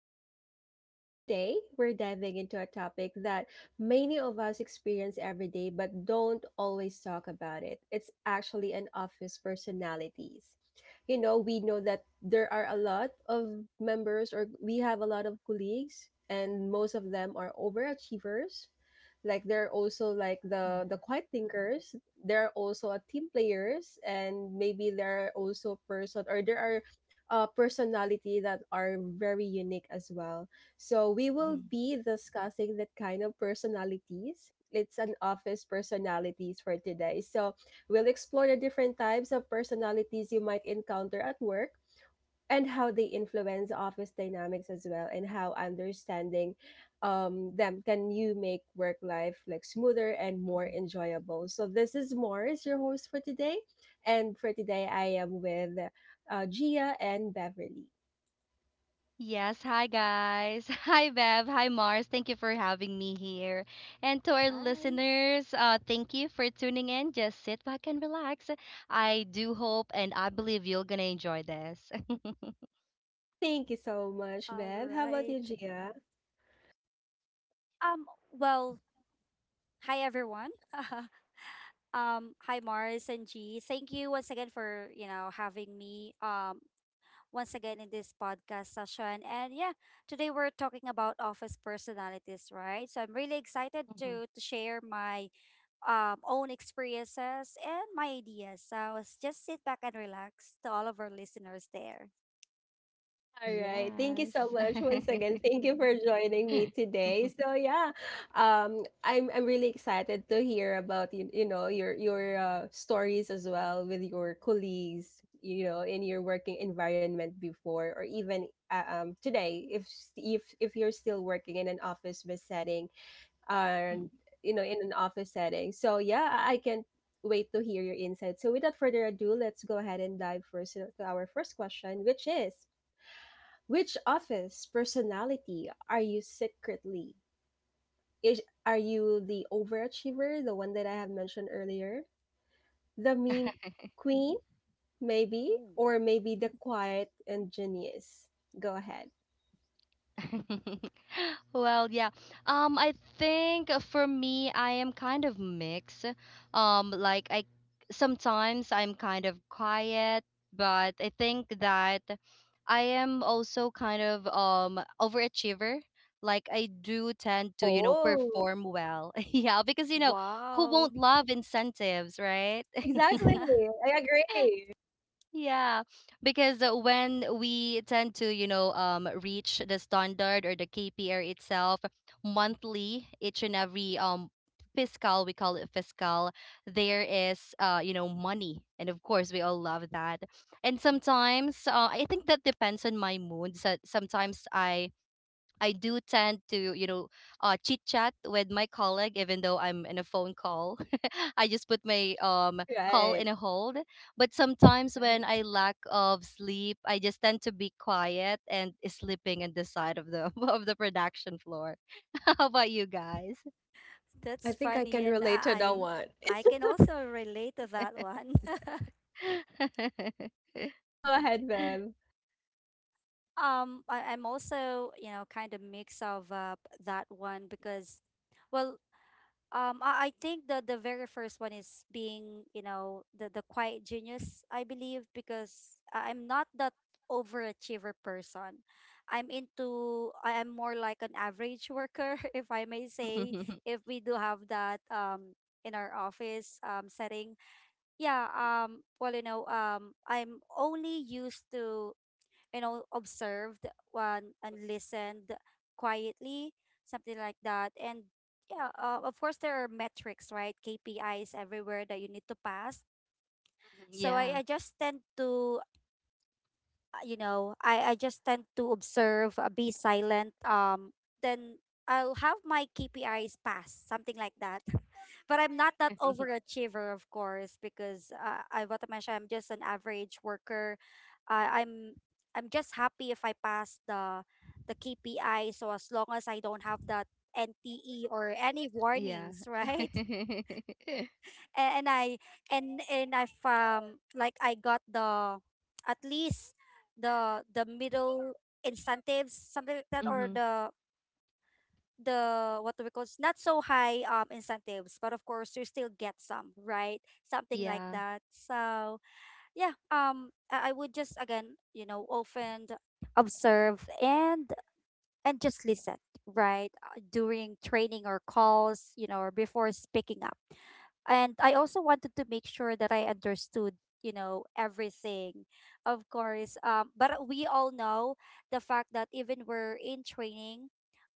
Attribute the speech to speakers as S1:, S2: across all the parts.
S1: to Glow Talk. So, for today, we're diving into a topic that many of us experience every day but don't always talk about it. It's actually an office personalities. You know, we know that there are a lot of members, or we have a lot of colleagues, and most of them are overachievers. Like they're also like the
S2: Mhm,
S1: the quiet thinkers. They're also a team players, and maybe they're also person or there are personality that are very unique as well. So we will
S2: mhm,
S1: be discussing that kind of personalities. It's an office personalities for today. So we'll explore the different types of personalities you might encounter at work and how they influence office dynamics as well and how understanding them can you make work life like smoother and more
S2: mhm.
S1: enjoyable. So this is Morris, your host for today, and for today I am with Gia and Beverly.
S2: Yes, hi guys. Hi Bev, hi Mars. Thank you for having me here. And to our
S3: Hi.
S2: listeners, thank you for tuning in. Just sit back and relax. I do hope and I believe you're gonna enjoy this.
S1: Thank you so much,
S3: All
S1: Bev. How about you,
S3: right.
S1: Gia?
S3: Um. Well. Hi, everyone. Hi, Mars and G. Thank you once again for having me. Once again in this podcast session, and yeah, today we're talking about office personalities, right? So I'm really excited
S2: Mhm,
S3: to share my own experiences and my ideas. So just sit back and relax to all of our listeners there.
S1: All right. Thank you
S2: yes.
S1: so much once again. Thank you for joining me today. So yeah, I'm really excited to hear about you, you know, your stories as well with your colleagues, you know, in your working environment before or even um, today if if if you're still working in an office based setting
S2: Mhm.
S1: and you know in an office setting. So yeah, I can't wait to hear your insights. So without further ado, let's go ahead and dive first to our first question, which is which office personality are you secretly? Are you the overachiever, the one that I have mentioned earlier? The meme queen, maybe?
S3: Mm.
S1: Or maybe the quiet and genius? Go ahead.
S2: Well, yeah. I think for me, I am kind of mixed. Like I Sometimes I'm kind of quiet, but I think that I am also kind of overachiever. Like I do tend to
S1: Oh,
S2: perform well. Yeah, because who
S3: Wow.
S2: won't love incentives, right?
S1: exactly. I agree.
S2: Yeah, because when we tend to, reach the standard or the KPR itself monthly, each and every fiscal, we call it fiscal, there is money. And of course, we all love that. And sometimes, I think that depends on my mood. So sometimes I do tend to, chit chat with my colleague, even though I'm in a phone call. I just put my call
S1: Right.
S2: in a hold. But sometimes
S3: Right.
S2: when I lack of sleep, I just tend to be quiet and sleeping in the side of the of the production floor. How about you guys?
S1: I
S3: That's
S1: think I
S3: funny,
S1: can
S3: and
S1: relate to that
S3: I
S1: one.
S3: I can also relate to that one.
S1: Go ahead, Bev.
S3: I'm also kind of mix of that one because, well, I think the very first one is being the quiet genius. I believe because I'm not that overachiever person. I am more like an average worker, if I may say. If we do have that in our office setting, yeah. I'm only used to, you know, observed one and listened quietly, something like that. And yeah, of course there are metrics, right? KPIs everywhere that you need to pass. So i,
S2: Yeah,
S3: I just tend to you know, I just tend to observe, be silent. Then I'll have my KPIs passed, something like that. But I'm not that overachiever, of course, because I, what am I? I'm just an average worker. I I'm I'm just happy if I pass the KPI. So as long as I don't have that NTE or any
S2: yeah.
S3: warnings, right? And I, and I've like, I got the at least the middle incentives, something like that, or
S2: Hmm,
S3: the, what do we call it, not so high incentives, but of course you still get some, right? Something like
S2: yeah.
S3: that. So yeah, I would just, again, you know, often observe and just listen, right? During training or calls, you know, or before speaking up. And I also wanted to make sure that I understood, you know, everything. Of course, but we all know the fact that even we're in training,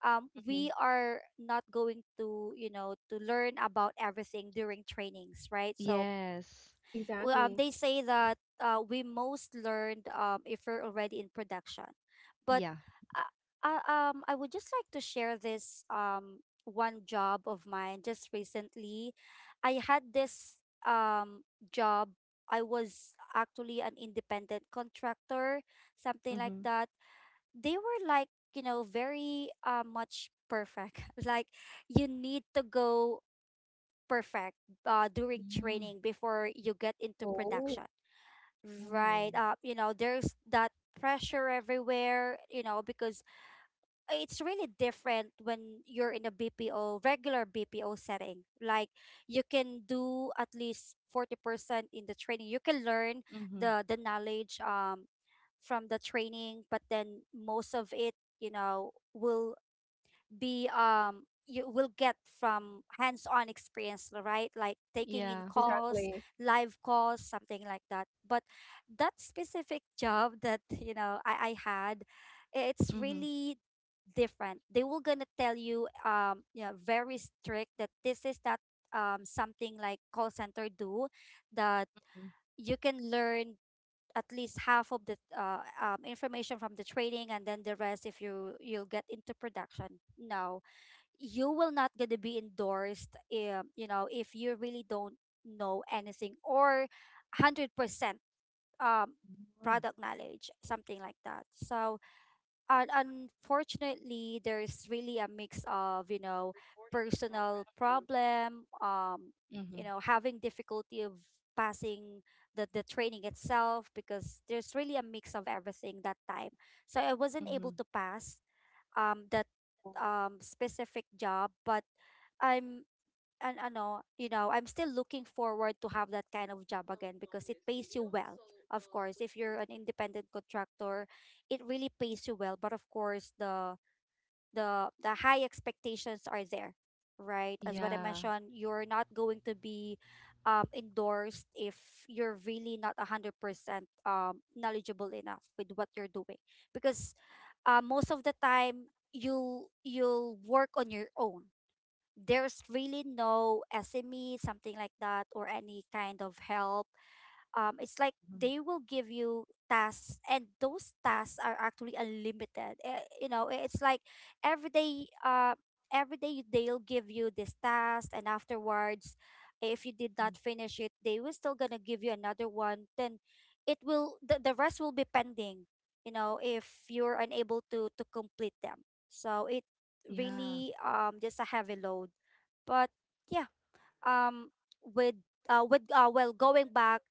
S2: Hmm,
S3: we are not going to, you know, to learn about everything during trainings, right? So
S2: yes,
S1: Exactly.
S3: they say that we most learned if we're already in production. But
S2: yeah.
S3: uh, I would just like to share this one job of mine just recently. I had this um, job. I was actually an independent contractor, something like
S2: Mm-hmm.
S3: that. They were like, you know, very much perfect. Like, you need to go perfect during
S2: Mm-hmm.
S3: training before you get into
S1: Oh,
S3: production.
S2: Oh.
S3: Right. You know, there's that pressure everywhere, you know, because it's really different when you're in a BPO, regular BPO setting. Like, you can do at least 40% in the training. You can learn the knowledge from the training, but then most of it, you know, will be you will get from hands-on experience, right, like taking in
S2: Yeah.
S3: calls,
S1: exactly.
S3: live calls, something like that. But that specific job that you know I had, it's
S2: Mm-hmm.
S3: really different. They were gonna tell you yeah, very strict that this is that something like call center do that, you can learn at least half of the information from the training, and then the rest if you you'll get into production, no, you will not gonna be endorsed, you know, if you really don't know anything or 100% um,
S2: Mhm.
S3: product knowledge, something like that. So unfortunately, there's really a mix of, you know, personal problem,
S2: Mm-hmm. Mm-hmm.
S3: you know, having difficulty of passing the training itself because there's really a mix of everything that time. So I wasn't able
S2: Mm-hmm.
S3: to pass that specific job. But I'm you know, I'm still looking forward to have that kind of job again because it pays you well. Of course, if you're an independent contractor, it really pays you well. But of course, the the high expectations are there, right? As what I
S2: Yeah.
S3: mentioned, you're not going to be endorsed if you're really not 100% knowledgeable enough with what you're doing, because most of the time you'll work on your own. There's really no SME, something like that, or any kind of help. It's like
S2: Mhm.
S3: they will give you tasks and those tasks are actually unlimited. Eh, you know, it's like every day they'll give you this task, and afterwards if you did
S2: Mhm.
S3: not finish it, they will still gonna give you another one, then it will the rest will be pending, you know, if you're unable to complete them. So it
S2: Yeah.
S3: really just a heavy load. But yeah, um with with well, going back,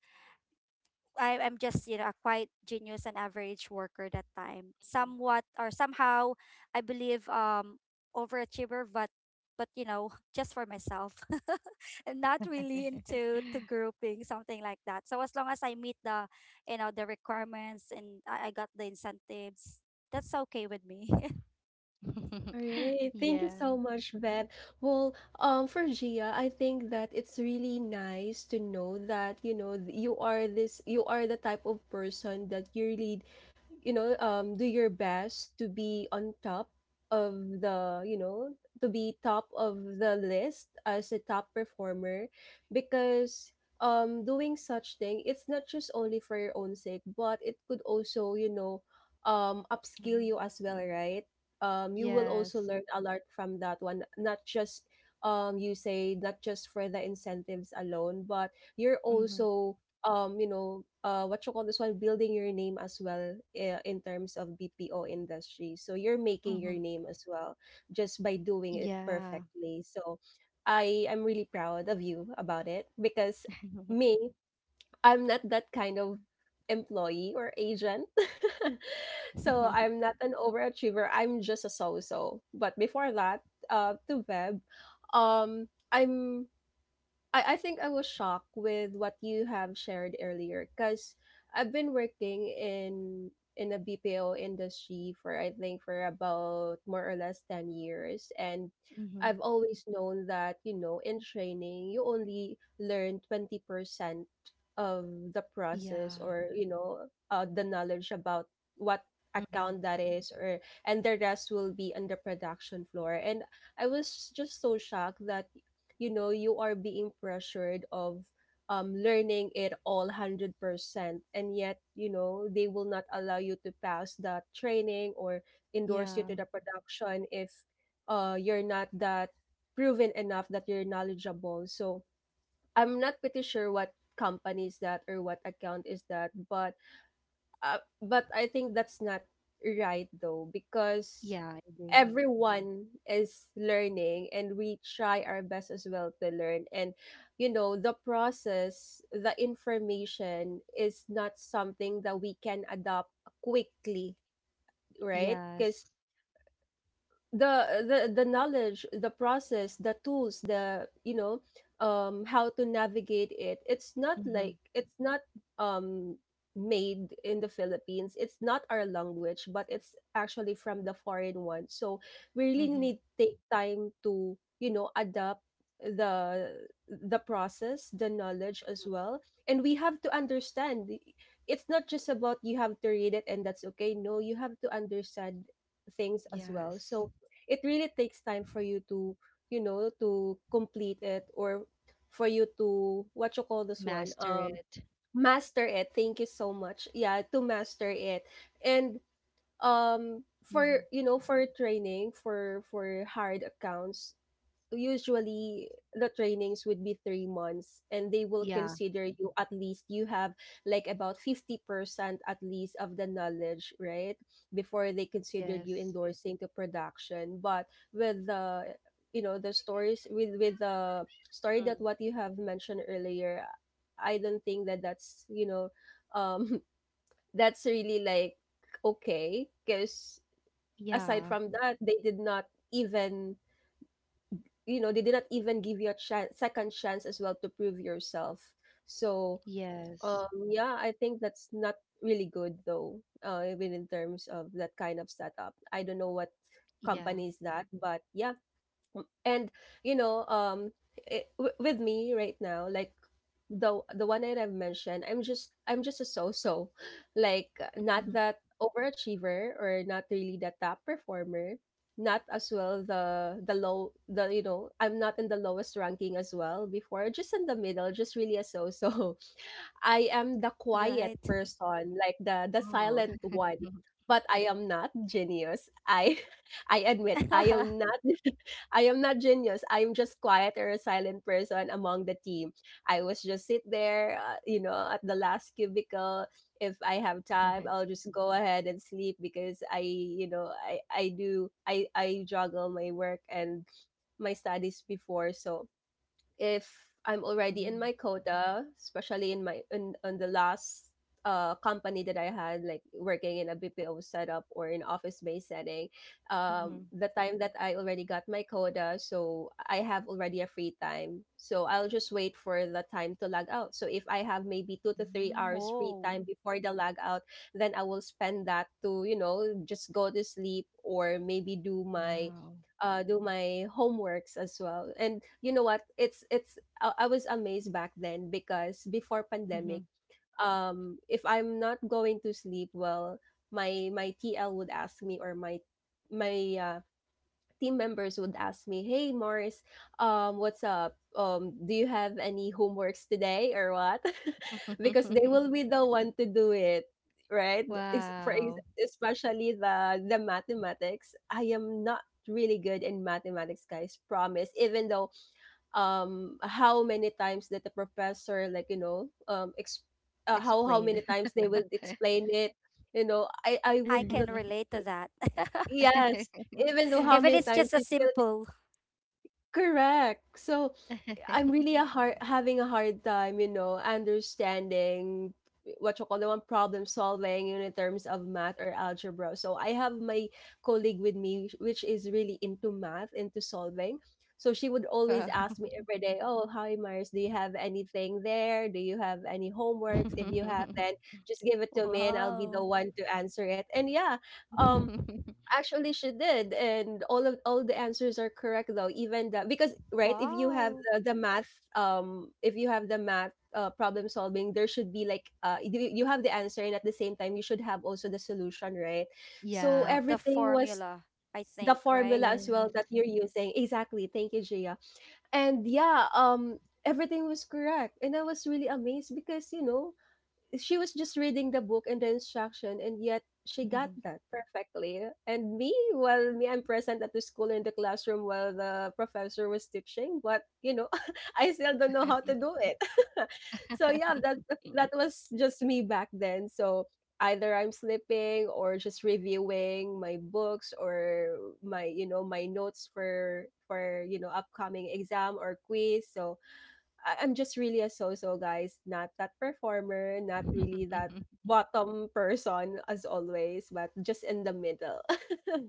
S3: I'm just, you know, a quiet genius and average worker that time. Somewhat or somehow I believe overachiever, but you know, just for myself. And not really into to grouping, something like that. So as long as I meet the you know the requirements, and I got the incentives, that's okay with me.
S1: All right. Thank you
S2: Yeah.
S1: so much, Beth. Well, for Gia, I think that it's really nice to know that, you know, you are this, you are the type of person that you really, you know, do your best to be on top of the, you know, to be top of the list as a top performer, because um, doing such thing, it's not just only for your own sake but it could also, you know, um, upskill you
S2: Mm-hmm.
S1: as well, right? Um, you will also
S2: Yes.
S1: learn a lot from that one. Not just you say, not just for the incentives alone, but you're
S2: Mm-hmm.
S1: also you know, what you call this one, building your name as well in terms of BPO industry. So you're making your
S2: Mm-hmm.
S1: name as well just by doing it
S2: Yeah.
S1: perfectly. So I am really proud of you about it, because me, I'm not that kind of employee or agent. So I'm not an overachiever. I'm just a so-so. But before that, to Web, um, I'm I think I was shocked with what you have shared earlier because I've been working in a BPO industry for I think for about more or less 10 years, and
S2: Mm-hmm.
S1: I've always known that, you know, in training you only learn 20% of the process,
S2: Yeah.
S1: or you know, the knowledge about what
S2: Mm-hmm.
S1: account that is or, and the rest will be on the production floor. And I was just so shocked that, you know, you are being pressured of learning it all 100%, and yet, you know, they will not allow you to pass that training or endorse you
S2: Yeah.
S1: to the production if you're not that proven enough that you're knowledgeable. So I'm not pretty sure what company is that or what account is that, but I think that's not right though, because
S2: Yeah, I agree.
S1: everyone is learning, and we try our best as well to learn, and you know, the process, the information is not something that we can adopt quickly, right?
S2: Yes.
S1: Because the knowledge, the process, the tools, the you know, um, how to navigate it, it's not
S2: Mm-hmm.
S1: like, it's not um, made in the Philippines. It's not our language, but it's actually from the foreign one. So we really need
S2: Mm-hmm.
S1: to take time to, you know, adapt the the process, the knowledge as well, and we have to understand it's not just about you have to read it and that's okay, no, you have to understand things as well. So
S2: Yes.
S1: it really takes time for you to, you know, to complete it, or for you to what you call this one,
S2: Master
S1: um,
S2: it.
S1: master it. Thank you so much. Yeah, to master it. And um,
S2: Mm-hmm.
S1: for you know, for training for hard accounts, usually the trainings would be 3 months, and they will
S2: Yeah.
S1: consider you at least you have like about 50% at least of the knowledge, right, before they considered you
S2: Yes.
S1: endorsing to production. But with the, you know, the stories with the
S2: Mm.
S1: story that what you have mentioned earlier, I don't think that that's, you know, um, that's really like okay, because
S2: Yeah.
S1: aside from that, they did not even, you know, they did not even give you a chance, second chance as well to prove yourself. So
S2: Yes.
S1: um, yeah, I think that's not really good though uh, even in terms of that kind of setup. I don't know what
S2: Yeah.
S1: company is that, but yeah. And you know, um, it, with me right now, like the one that I've mentioned, I'm just a so-so, like, not
S2: Mm-hmm.
S1: that overachiever or not really the top performer, not as well the you know, I'm not in the lowest ranking as well before, just in the middle, just really a so-so. I am the quiet
S3: Right.
S1: person, like the
S2: Wow.
S1: silent one. But I am not genius. I I admit I am not. I am not genius. I am just quiet or a silent person among the team. I was just sit there, you know, at the last cubicle. If I have time, I'll just go ahead and sleep because I, you know, I do I juggle my work and my studies before. So if I'm already in
S2: Mhm.
S1: my quota, especially in my in on the last company that I had, like working in a BPO setup or in office based setting,
S2: Mhm.
S1: the time that I already got my quota, so I have already a free time. So I'll just wait for the time to log out. So if I have maybe two to three
S2: Mm.
S1: hours free
S3: Oh.
S1: time before the log out, then I will spend that to, you know, just go to sleep or maybe do my
S2: Wow.
S1: do my homeworks as well. And you know what? It's I was amazed back then because before pandemic,
S2: Mhm.
S1: if I'm not going to sleep well, my TL would ask me, or my team members would ask me, "Hey, Mars, what's up? Do you have any homeworks today or what?" Because they will be the one to do it, right?
S2: Wow.
S1: Especially the mathematics, I am not really good in mathematics, guys, promise, even though um, how many times that the professor, like, you know, um, how many
S2: Explained.
S1: times they will explain it, you know, I
S3: I
S1: would not.
S3: can relate to that.
S1: Yes, even though how
S3: If
S1: many
S3: it's
S1: times,
S3: just a
S1: you still.
S3: simple
S1: Correct. So I'm really a hard having a hard time, you know, understanding what you call the one problem solving in terms of math or algebra. So I have my colleague with me, which is really into math, into solving. So she would
S2: Wow.
S1: always ask me every day, "Oh, hi, Mars, do you have anything there? Do you have any homeworks? If you have, then just give it to me, and I'll be
S3: wow.
S1: the one to answer it." And yeah, um, actually she did, and all of all the answers are correct though, even the, because right, if you have
S3: Wow.
S1: the math um, if you have the math problem solving, there should be like uh, you have the answer, and at the same time you should have also the solution, right? So
S2: Yeah.
S3: The
S1: everything was
S3: formula, I
S1: the
S3: think, right?
S1: formula as well
S2: Yes.
S1: that you're using. Exactly, thank you, Gia. And yeah, um, everything was correct, and I was really amazed because, you know, she was just reading the book and the instruction, and yet she got
S2: Mhm.
S1: that perfectly. And me, well, me, I'm present at the school in the classroom while the professor was teaching, but you know, I still don't know how to do it. So yeah, that that was just me back then. So either I'm sleeping or just reviewing my books or my, you know, my notes for, you know, upcoming exam or quiz. So I'm just really a so-so, guys, not that performer, not really that bottom person as always, but just in the middle.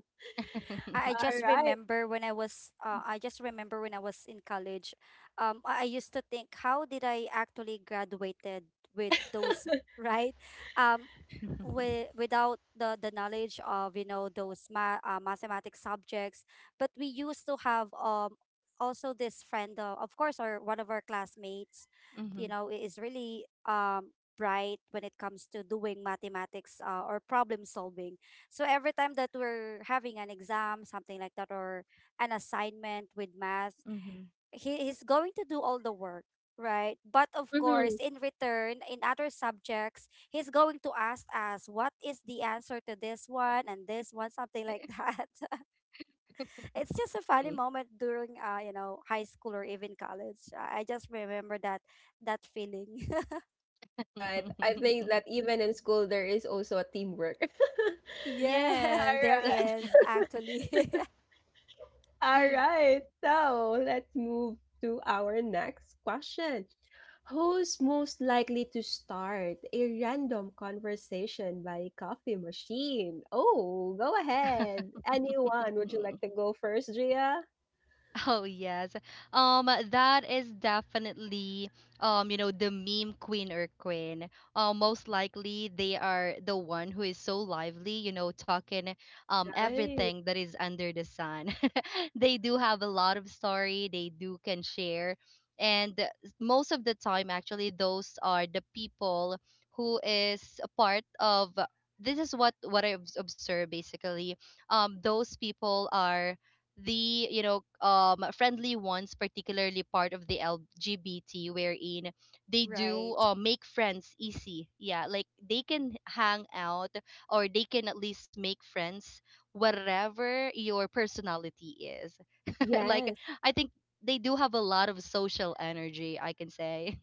S3: I
S1: All
S3: just
S1: right.
S3: remember when I was in college, I used to think how did I actually graduated with those, right, um,
S2: Mm.
S3: with without the the knowledge of, you know, those mathematics subjects, but we used to have also this friend, of course, or one of our classmates, you
S2: Mhm,
S3: know, is really bright when it comes to doing mathematics or problem solving. So every time that we're having an exam, something like that, or an assignment with math,
S2: mhm.
S3: he's going to do all the work, right? But of course,
S1: Mm-hmm.
S3: in return, in other subjects, he's going to ask us what is the answer to this one and this one, something like that. It's just a funny moment during, you know, high school or even college. I just remember that that feeling.
S1: Right. I think that even in school there is also a teamwork.
S3: Yes,
S1: All
S2: Yes.
S3: there
S1: right.
S3: is actually.
S1: All right, so let's move to our next question. Who's most likely to start a random conversation by coffee machine? Oh, go ahead. Anyone, would you like to go first, Gia?
S2: Oh yes. That is definitely the meme queen or queen. Most likely they are the one who is so lively, talking
S1: Right.
S2: everything that is under the sun. They do have a lot of story, they do can share, and most of the time actually those are the people who is a part of, this is what I've observed basically. Those people are the friendly ones, particularly part of the LGBT, wherein they do
S3: Right.
S2: make friends easy, yeah, like they can hang out or they can at least make friends whatever your personality is. Like
S1: Yes,
S2: I think they do have a lot of social energy, I can say.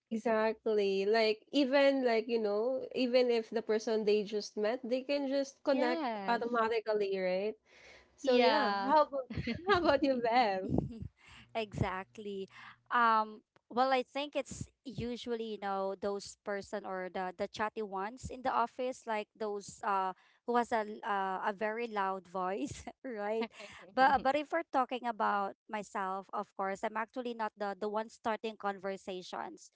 S1: exactly. Like even like, even if the person they just met, they can just connect
S2: Yes,
S1: automatically, right? So yeah,
S2: yeah.
S1: how about how about you, Bev?
S3: Exactly. Um, well, I think it's usually, you know, those person or the chatty ones in the office, like those who has a very loud voice, right? But if we're talking about myself, of course, I'm actually not the the one starting conversations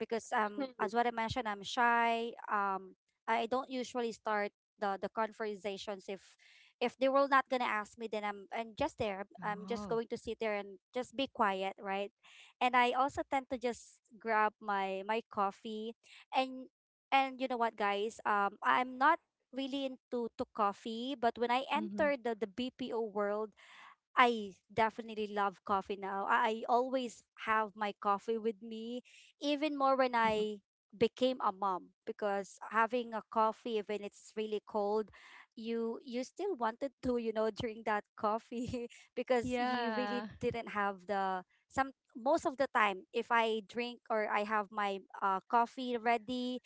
S3: because as what I mentioned, I'm shy. I don't usually start the conversations. If they will not gonna ask me, then I'm just there. I'm just
S2: Oh.
S3: going to sit there and just be quiet, right? And I also tend to just grab my my coffee, and and you know what guys, I'm not really into to coffee, but when I
S2: Mm-hmm.
S3: entered the BPO world, I definitely love coffee now. I always have my coffee with me, even more when
S2: Mm-hmm.
S3: I became a mom, because having a coffee when it's really cold, you still wanted to, you know, drink that coffee, because you really
S2: Yeah.
S3: didn't have the some. Most of the time, if I drink or I have my coffee ready,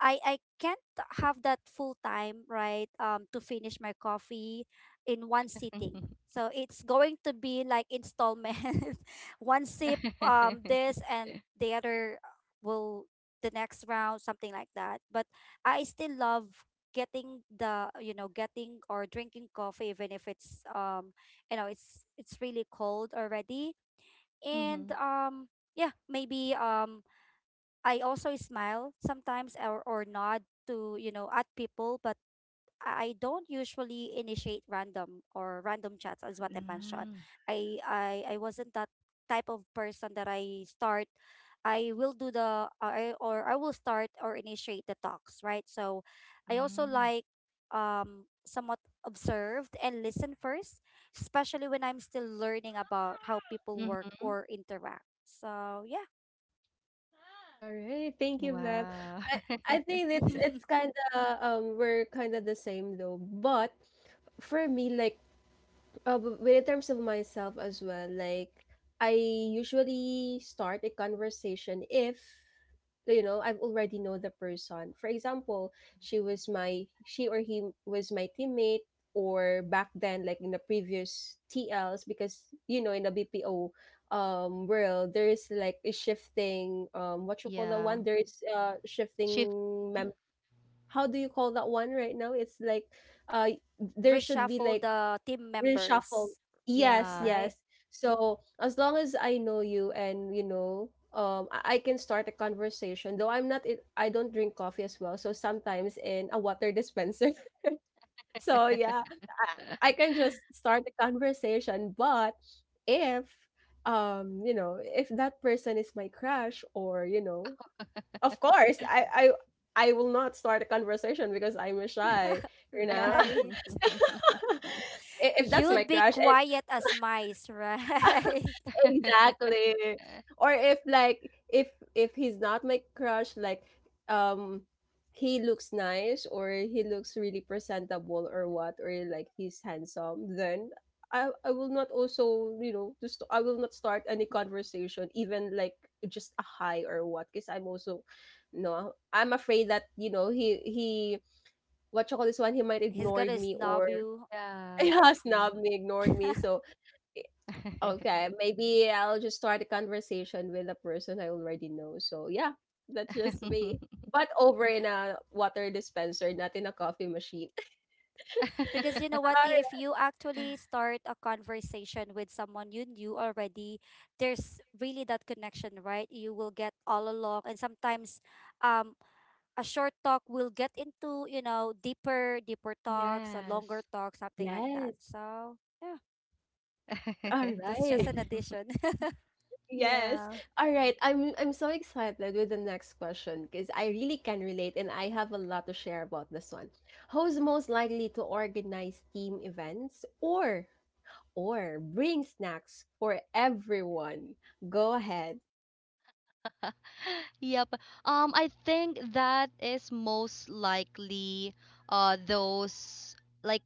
S3: I can't have that full time, right? To finish my coffee in one sitting. So it's going to be like installment, one sip, this and the other will the next round, something like that. But I still love getting the, you know, getting or drinking coffee even if it's you know, it's really cold already. And
S2: Mm-hmm.
S3: yeah, maybe I also smile sometimes, or nod to, you know, at people, but I don't usually initiate random or random chats, as what I mentioned.
S2: Mm,
S3: I wasn't that type of person that I will do the I will start or initiate the talks, right? So I also
S2: mm,
S3: like somewhat observed and listen first, especially when I'm still learning about how people work
S2: mm-hmm.
S3: or interact. So yeah.
S1: Alright, thank you, Bev.
S2: Wow.
S1: I I think it's kind of we're kind of the same though, but for me like when in terms of myself as well, like I usually start a conversation if I've already know the person, for example, she was my she or he was my teammate, or back then like in the previous tls, because you know in the BPO world there is like a shifting what you call that
S2: Yeah.
S1: one, there is
S2: Shift.
S1: shifting how do you call that one right now? It's like uh there should be
S3: Reshuffle
S1: like
S3: the team
S1: reshuffle.
S3: members,
S1: Yes,
S2: Yeah.
S3: right?
S1: yes. So as long as I know you and, you know, I can start a conversation. Though I'm not, I don't drink coffee as well. So sometimes in a water dispenser. So yeah, I can just start a conversation. But if, you know, if that person is my crush or you know, of course, I. I will not start a conversation because I'm shy, you know.
S3: Right.
S1: I- if that's my
S3: You'd be
S1: crush, and.
S3: quiet as mice, right?
S1: Exactly. Or if like if if he's not my crush, like um he looks nice or he looks really presentable or what, or like he's handsome, then I will not also, you know, just I will not start any conversation even like just a hi or what, because I'm also no, I'm afraid that, you know, he what you call this one, he might
S3: He's
S1: ignored
S3: gonna
S1: me or
S3: snob you.
S2: Yeah.
S1: yeah,
S3: Yeah.
S1: snob me, ignored me. So okay, maybe I'll just start a conversation with a person I already know. So yeah, that's just me. But over in a water dispenser, not in a coffee machine.
S3: Because you know what? If
S1: All
S3: you actually start a conversation with someone you knew already, there's really that connection, right? You will get all along. And sometimes um, a short talk will get into, you know, deeper, deeper talks, a longer
S2: Yes.
S3: talk, something like that.
S1: yes.
S3: So, yeah,
S1: All
S3: that's just
S1: right.
S3: an addition.
S1: Yes.
S2: Yeah.
S1: All right. I'm so excited with the next question because I really can relate and I have a lot to share about this one. Who's most likely to organize team events or bring snacks for everyone? Go ahead.
S2: Yep. I think that is most likely those like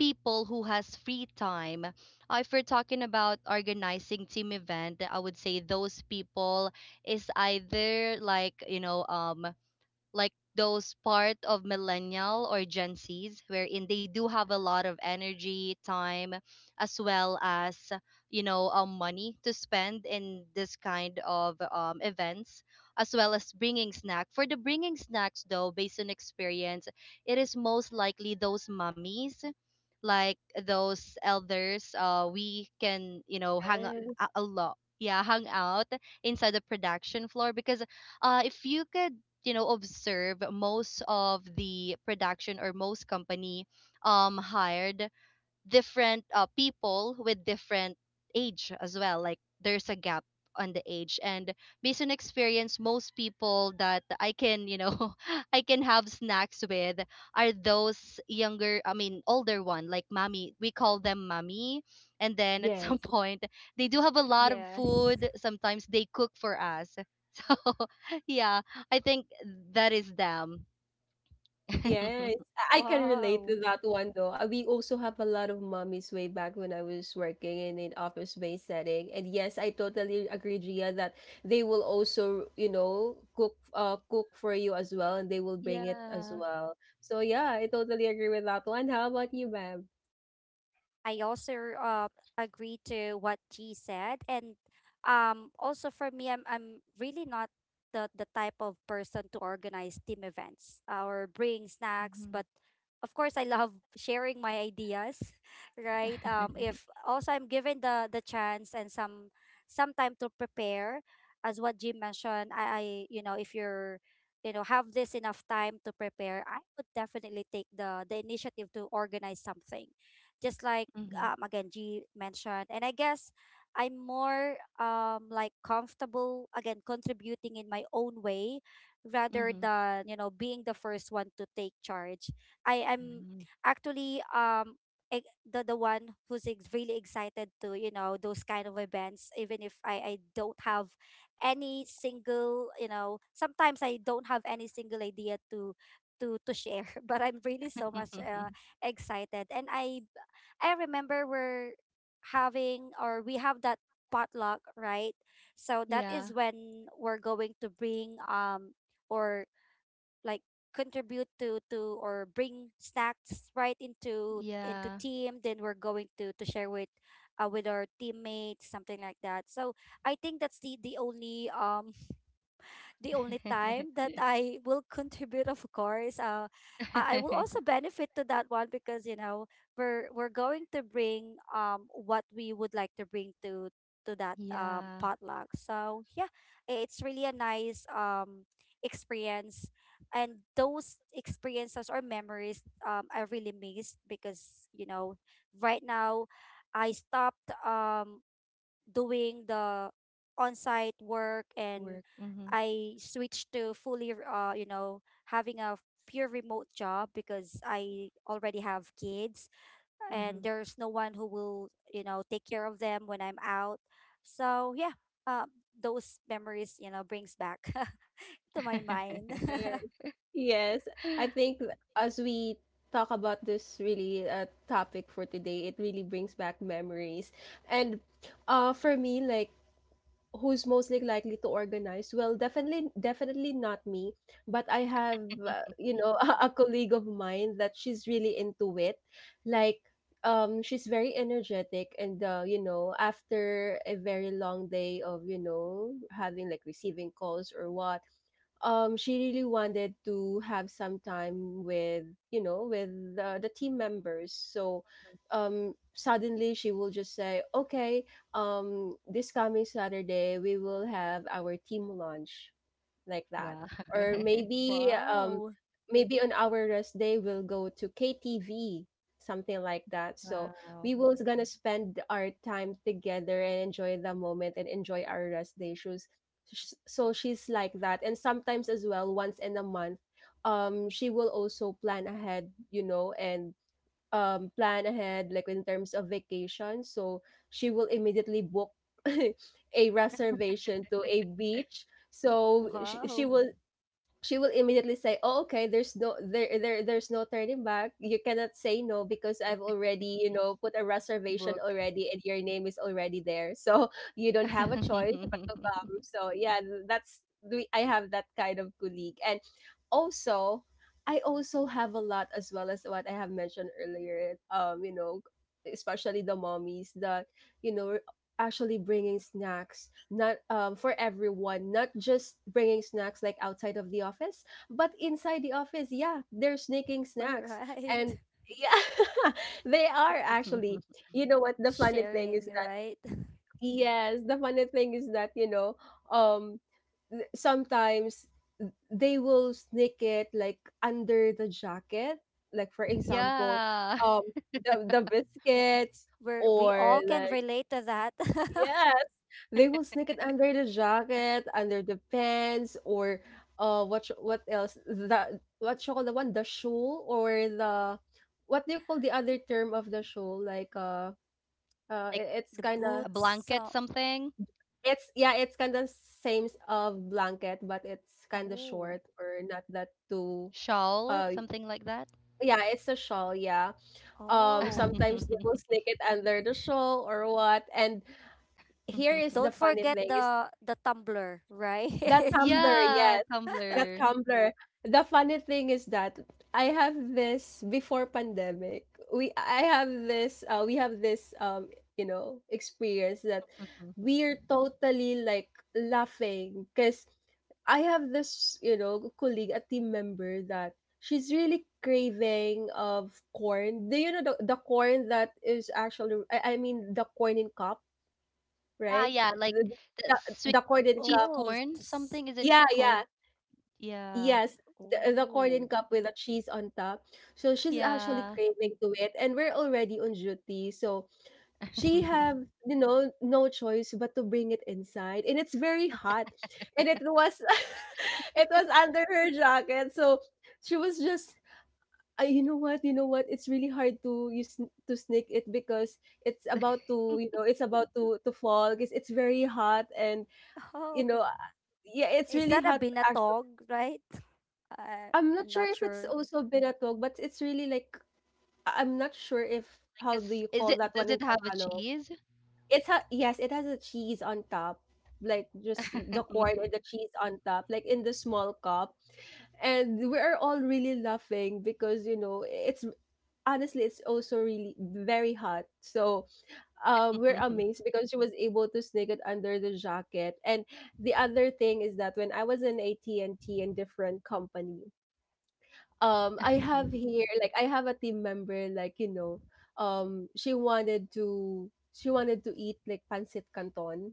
S2: people who has free time. If we're talking about organizing team event, I would say those people is either like those part of millennial or Gen Zs, wherein they do have a lot of energy, time, as well as money to spend in this kind of events, as well as bringing snack. For the bringing snacks, though, based on experience, it is most likely those mummies, like those elders. We can, hang a lot, yeah, hang out inside the production floor because if you could, observe most of the production or most company hired different people with different age as well, like there's a gap on the age. And based on experience, most people that I can, I can have snacks with, are those younger, I mean older one, like mommy, we call them mommy. And then at
S1: Yes.
S2: some point they do have a lot of
S3: Yes.
S2: food, sometimes they cook for us. So yeah, I think that is them.
S1: Yes, I can relate to
S3: Wow.
S1: that one though. We also have a lot of mommies way back when I was working in an office-based setting. And yes, I totally agree, Gia, that they will also, you know, cook cook for you as well, and they will bring it as
S2: Yeah.
S1: well. So yeah, I totally agree with that one. How about you, ma'am?
S3: I also uh, agree to what G said, and also for me, I'm really not the the type of person to organize team events or bring snacks,
S2: Hmm.
S3: but of course, I love sharing my ideas, right? If also I'm given the chance and some time to prepare, as what Jim mentioned, I if you're you know have this enough time to prepare, I would definitely take the initiative to organize something just like
S2: Hmm.
S3: again G mentioned. And I guess I'm more like comfortable again contributing in my own way rather
S2: Hmm.
S3: than, you know, being the first one to take charge. I am
S2: Mhm.
S3: actually the one who's really excited to, you know, those kind of events, even if I don't have any single, you know, sometimes I don't have any single idea to to share, but I'm really so much excited. And I remember we're having, or we have that potluck, right? So that
S2: Yeah.
S3: is when we're going to bring or like contribute to or bring snacks right into
S2: Yeah.
S3: team, then we're going to share with our teammates, something like that. So I think that's the only the only time that I will contribute, of course. I will also benefit to that one because, you know, we're going to bring what we would like to bring to that
S2: Yeah.
S3: potluck. So yeah, it's really a nice experience. And those experiences or memories, I really missed because, you know, right now I stopped doing the on-site work. And
S2: Work. Mm-hmm.
S3: I switched to fully you know, having a pure remote job because I already have kids
S2: Mm-hmm.
S3: and there's no one who will, you know, take care of them when I'm out. So yeah, uh, those memories, you know, brings back to my mind.
S1: Right. Yes, I think as we talk about this really topic for today, it really brings back memories. And for me, like who's most like likely to organize? Well, definitely, definitely not me. But I have, you know, a colleague of mine that she's really into it. Like, she's very energetic, and you know, after a very long day of you know having like receiving calls or what, she really wanted to have some time with you know with the team members. So suddenly she will just say okay, this coming Saturday we will have our team lunch, like that.
S2: Wow.
S1: Or maybe
S3: Wow.
S1: maybe on our rest day we'll go to KTV, something like that. So
S2: Wow.
S1: we will gonna spend our time together and enjoy the moment and enjoy our rest day. Shoes. So she's like that. And sometimes as well, once in a month, she will also plan ahead, you know, and plan ahead like in terms of vacation. So she will immediately book a reservation to a beach, so
S3: Wow.
S1: she will immediately say, "Oh, okay. There's no there's no turning back. You cannot say no because I've already you know put a reservation
S2: Book.
S1: already, and your name is already there. So you don't have a choice but to come. So yeah, that's we. I have that kind of colleague, and also I also have a lot as well as what I have mentioned earlier. You know, especially the mommies that you know actually bringing snacks not for everyone, not just bringing snacks like outside of the office but inside the office, yeah, they're sneaking
S3: All
S1: snacks.
S3: right.
S1: And yeah, they are actually you know what the funny thing is
S3: Sharing,
S1: that
S3: right?
S1: yes the funny thing is that you know um sometimes they will sneak it like under the jacket, like for example
S2: Yeah.
S1: um the biscuits
S3: Where we
S1: or
S3: all can
S1: like
S3: relate to that.
S1: yes, they will sneak it under the jacket, under the pants, or what what else? The what you call the one, the shoe or the what do you call the other term of the shoe? Like
S2: Like
S1: it's
S3: The
S1: kind
S2: a
S1: of
S3: boots
S2: blanket,
S3: so.
S2: something,
S1: it's yeah, it's kind of same of blanket, but it's kind of
S3: Oh.
S1: short or not that too.
S2: shawl,
S1: Uh,
S2: something like that.
S1: yeah, it's a shawl. Yeah.
S3: Oh.
S1: Sometimes they will sneak it under the shawl or what. And here is the
S3: Don't
S1: funny
S3: forget
S1: thing.
S3: the tumbler, right?
S1: That tumbler,
S2: Yeah,
S1: yes. That
S2: Tumblr.
S1: tumbler. The funny thing is that I have this before pandemic. We I have this we have this you know experience that we're totally like laughing because I have this, you know, colleague, a team member that she's really craving of corn. Do you know the corn that is actually, I mean, the corn in cup,
S2: Yeah,
S1: right?
S2: yeah, like
S1: The,
S2: the
S1: the,
S2: sweet
S1: the corn in
S2: cheese
S1: cup.
S3: Oh.
S2: corn, something is it
S1: Yeah,
S2: called?
S1: yeah.
S2: Yeah,
S1: Yes, the
S3: Oh.
S1: corn cup with the cheese on top. So she's actually
S2: yeah.
S1: craving to it, and we're already on duty, so she have you know no choice but to bring it inside, and it's very hot, and it was it was under her jacket, so she was just. You know what? You know what? It's really hard to use to sneak it because it's about to, you know, it's about to fall because it's very hot, and you
S3: Oh.
S1: know, yeah, it's
S3: Is
S1: really
S3: that a
S1: hot.
S3: binatog, right? I
S1: I'm not
S3: I'm
S1: sure
S3: not
S1: if it's
S3: sure.
S1: also binatog, but it's really like I'm not sure if
S2: Like, a
S1: how do
S2: s
S1: you
S2: is
S1: call
S2: it,
S1: that
S2: does
S1: one
S2: it
S1: in
S2: have a
S1: Tagalog.
S2: cheese?
S1: It's ha yes, it has a cheese on top, like just the corn and the cheese on top, like in the small cup. And we are all really laughing because you know it's honestly it's also really very hot. So we're amazed because she was able to sneak it under the jacket. And the other thing is that when I was in AT&T in different company, I have here like I have a team member like you know she wanted to eat like pancit canton.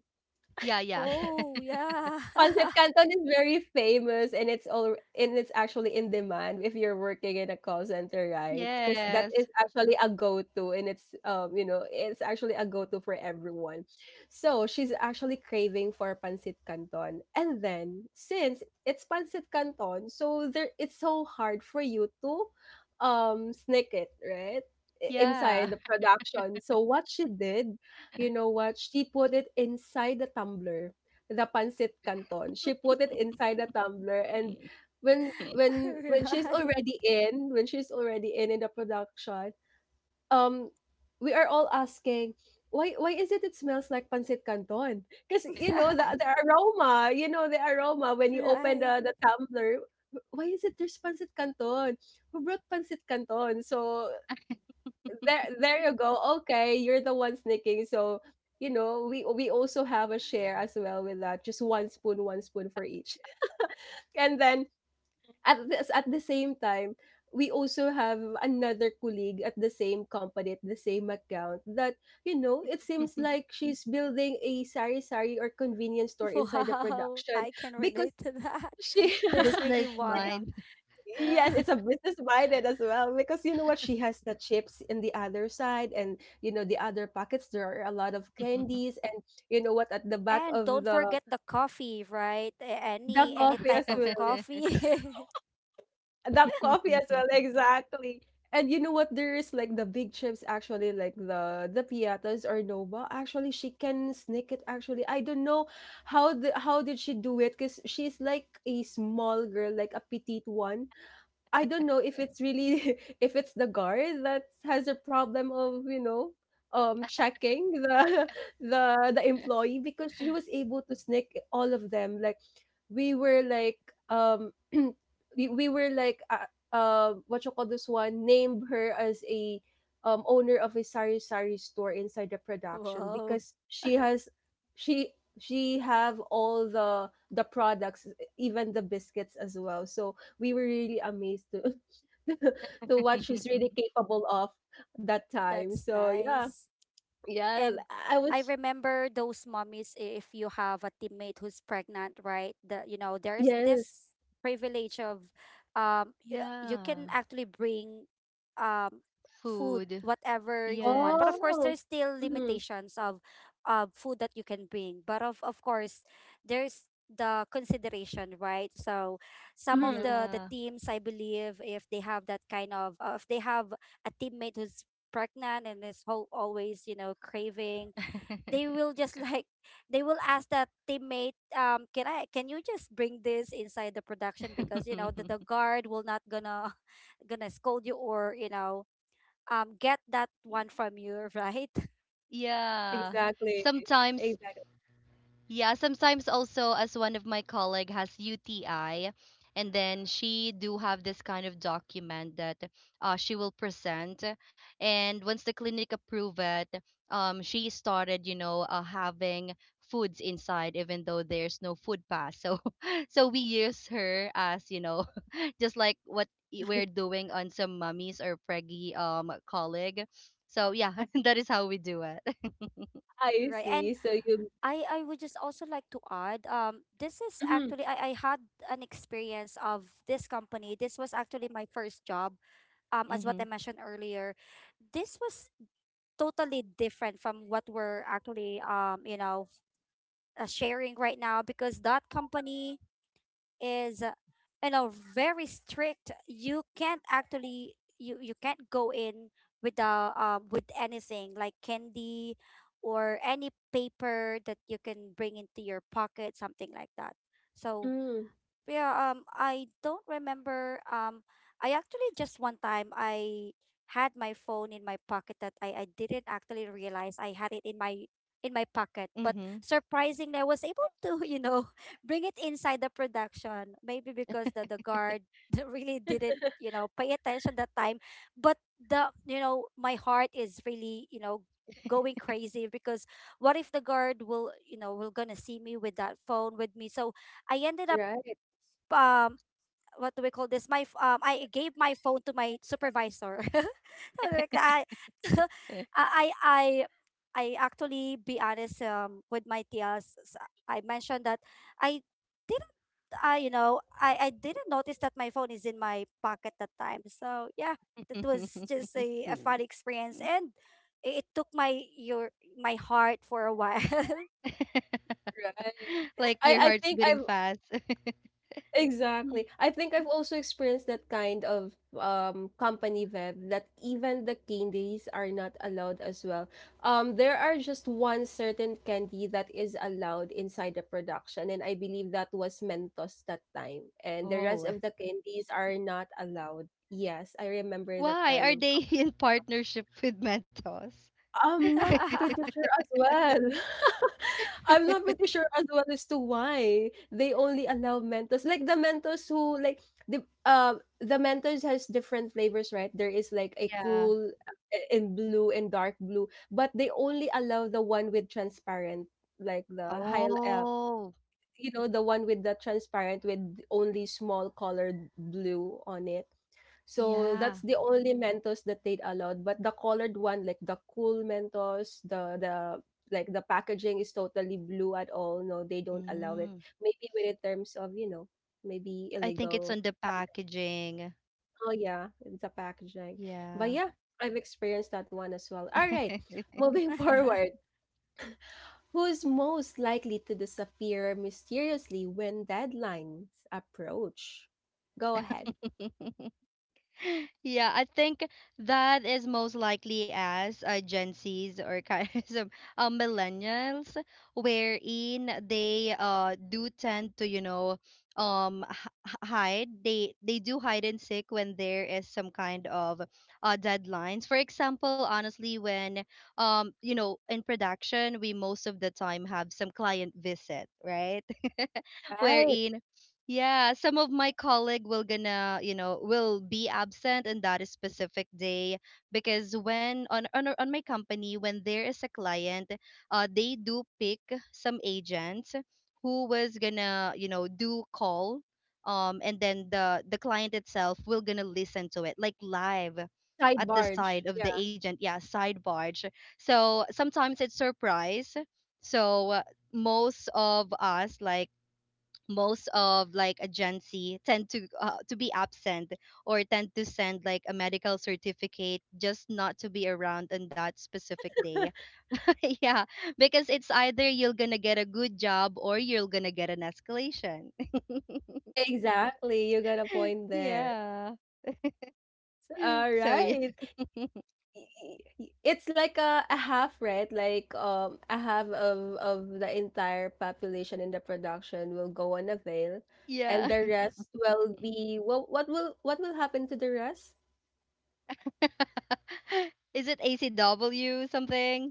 S2: Yeah, yeah.
S3: Oh, yeah.
S1: Pancit Canton is very famous, and it's all and it's actually in demand if you're working in a call center, right? Because that is
S2: Yes.
S1: actually a go-to, and it's you know it's actually a go-to for everyone. So she's actually craving for pancit canton, and then since it's pancit canton, so there it's so hard for you to sneak it right
S2: Yeah.
S1: inside the production. So what she did, you know what, she put it inside the tumbler, the pancit canton. She put it inside a tumbler, and when when when she's
S3: Right.
S1: already in, when she's already in the production, um we are all asking why is it it smells like pancit canton? Because you know the aroma, you know the aroma when you open
S3: Right.
S1: the tumbler. Why is it there's pancit canton? Who brought pancit canton? So there there you go. Okay, you're the one sneaking. So, you know, we also have a share as well with that. Just one spoon for each. And then at this at the same time, we also have another colleague at the same company, at the same account that, you know, it seems like she's building a sari sari or convenience store inside the
S3: Wow.
S1: production
S3: I can
S1: because
S3: relate to that. There's really
S2: Business
S3: one.
S1: she
S2: mind.
S3: Yeah.
S1: yes, it's a business minded as well because you know what she has the chips in the other side, and you know the other pockets there are a lot of candies, and you know what at the back
S3: And
S1: of
S3: don't forget the coffee, right?
S1: the
S2: Yeah.
S3: Any
S1: coffee as
S3: type of
S1: well.
S3: coffee.
S1: The coffee as well exactly. And you know what there is like the big chips actually like the piatas or nova actually she can sneak it actually. I don't know how did she do it cuz she's like a small girl, like a petite one. I don't know if it's really if it's the guard that has a problem of checking the the employee, because she was able to sneak all of them. Like we were like um we were like what you call this one, named her as a owner of a sari sari store inside the production
S3: Wow.
S1: because she has she have all the products, even the biscuits as well. So we were really amazed to to what she's really capable of that time.
S3: That's
S1: So yeah,
S3: nice.
S1: yeah,
S3: And
S1: I
S3: I
S1: was
S3: remember those mommies, if you have a teammate who's pregnant, right? The, you know, there's
S1: yes.
S3: this privilege of you can
S2: Yeah.
S3: actually bring um food,
S2: Food.
S3: whatever you want. But of
S2: Yes.
S3: course
S1: Oh,
S3: there's still
S1: mm-hmm,
S3: limitations of food that you can bring. But of course there's the consideration, right? So some of
S1: mm-hmm.
S3: the
S2: Yeah.
S3: teams, I believe, if they have that kind of, if they have a teammate who's pregnant and is whole always, you know, craving, they will just like they will ask that teammate, can I can you just bring this inside the production, because you know the guard will not gonna gonna scold you, or you know, get that one from you, right?
S2: Yeah.
S1: Exactly,
S2: Sometimes,
S1: exactly.
S2: also as one of my colleague has UTI, and then she do have this kind of document that she will present, and once the clinic approve it, she started, you know, having foods inside even though there's no food pass. So so we use her as, you know, just like what we're doing on some mummies or preggy colleague. So yeah, that is how we do it.
S1: I
S3: Right. And
S1: see. So you,
S3: I would just also like to add, this is
S1: mm-hmm,
S3: actually I had an experience of this company. This was actually my first job, as what I
S2: Mhm.
S3: mentioned earlier. This was totally different from what we're actually you know, sharing right now, because that company is, you know, very strict. You can't actually, you can't go in with the with anything like candy or any paper that you can bring into your pocket, something like that. So
S1: mm,
S3: yeah, I don't remember. I actually just one time I had my phone in my pocket that I didn't actually realize I had it in my pocket. But
S2: Mhm.
S3: surprisingly, I was able to, you know, bring it inside the production. Maybe because the guard really didn't, you know, pay attention that time. But the, you know, my heart is really, you know, going crazy because what if the guard will, you know, will gonna see me with that phone with me? So I ended up
S1: right,
S3: um what do we call this? My I gave my phone to my supervisor. So like that. I I actually, be honest, with my tias. I mentioned that I didn't I you know, I didn't notice that my phone is in my pocket that time. So yeah, that was just a fun experience, and it took my your my heart for a while.
S1: right.
S2: Like
S1: I
S2: your
S1: I
S2: heart's
S1: think
S2: beating
S1: I've
S2: fast.
S1: exactly. I think I've also experienced that kind of company vibe, that even the candies are not allowed as well. There are just one certain candy that is allowed inside the production, and I believe that was Mentos that time, and the rest
S2: Oh.
S1: of the candies are not allowed. Yes, I remember that
S2: Why
S1: kind
S2: are
S1: of
S2: they in partnership with Mentos?
S1: I'm not pretty sure as well. I'm not pretty sure as well as to why they only allow Mentos. Like the Mentos, who like the uh the Mentos has different flavors, right? There is like a
S2: Yeah.
S1: cool in blue and dark blue, but they only allow the one with transparent, like the high
S2: Oh,
S1: you know, the one with the transparent with only small colored blue on it. So
S2: yeah.
S1: that's the only Mentos that they'd allowed, but the colored one, like the cool Mentos, the like the packaging is totally blue at all. No, they don't allow it.
S2: Mm.
S1: Maybe with, in terms of, you know, maybe
S2: I think it's
S1: illegal.
S2: on the packaging.
S1: Oh yeah, the packaging. But
S2: Yeah.
S1: yeah, I've experienced that one as well. All right, moving forward. Who's most likely to disappear mysteriously when deadlines approach? Go ahead.
S2: Yeah, I think that is most likely as Gen Zs or kind of some, millennials, wherein they do tend to, hide. They do hide and seek when there is some kind of deadlines. For example, honestly, when, in production, we most of the time have some client visit, right?
S1: Right.
S2: Wherein yeah, some of my colleague will gonna, will be absent in that specific day, because when on my company when there is a client, they do pick some agents who was gonna, do call and then the client itself will gonna listen to it like live
S1: Side
S2: at the
S1: barge.
S2: side of
S1: Yeah.
S2: the agent. Yeah, side barge. So sometimes it's surprise. So most of us, like most of, like a Gen Z, tend to be absent or tend to send like a medical certificate just not to be around on that specific day. Yeah, because it's either you're gonna get a good job or you're gonna get an escalation.
S1: Exactly, you got a point there.
S2: Yeah. So
S1: Alright.
S2: yeah,
S1: Y y it's like a half, right? Like, a half of the entire population in the production will go on a veil, and
S2: yeah.
S1: the rest will be what will happen to the rest?
S2: Is it ACW something?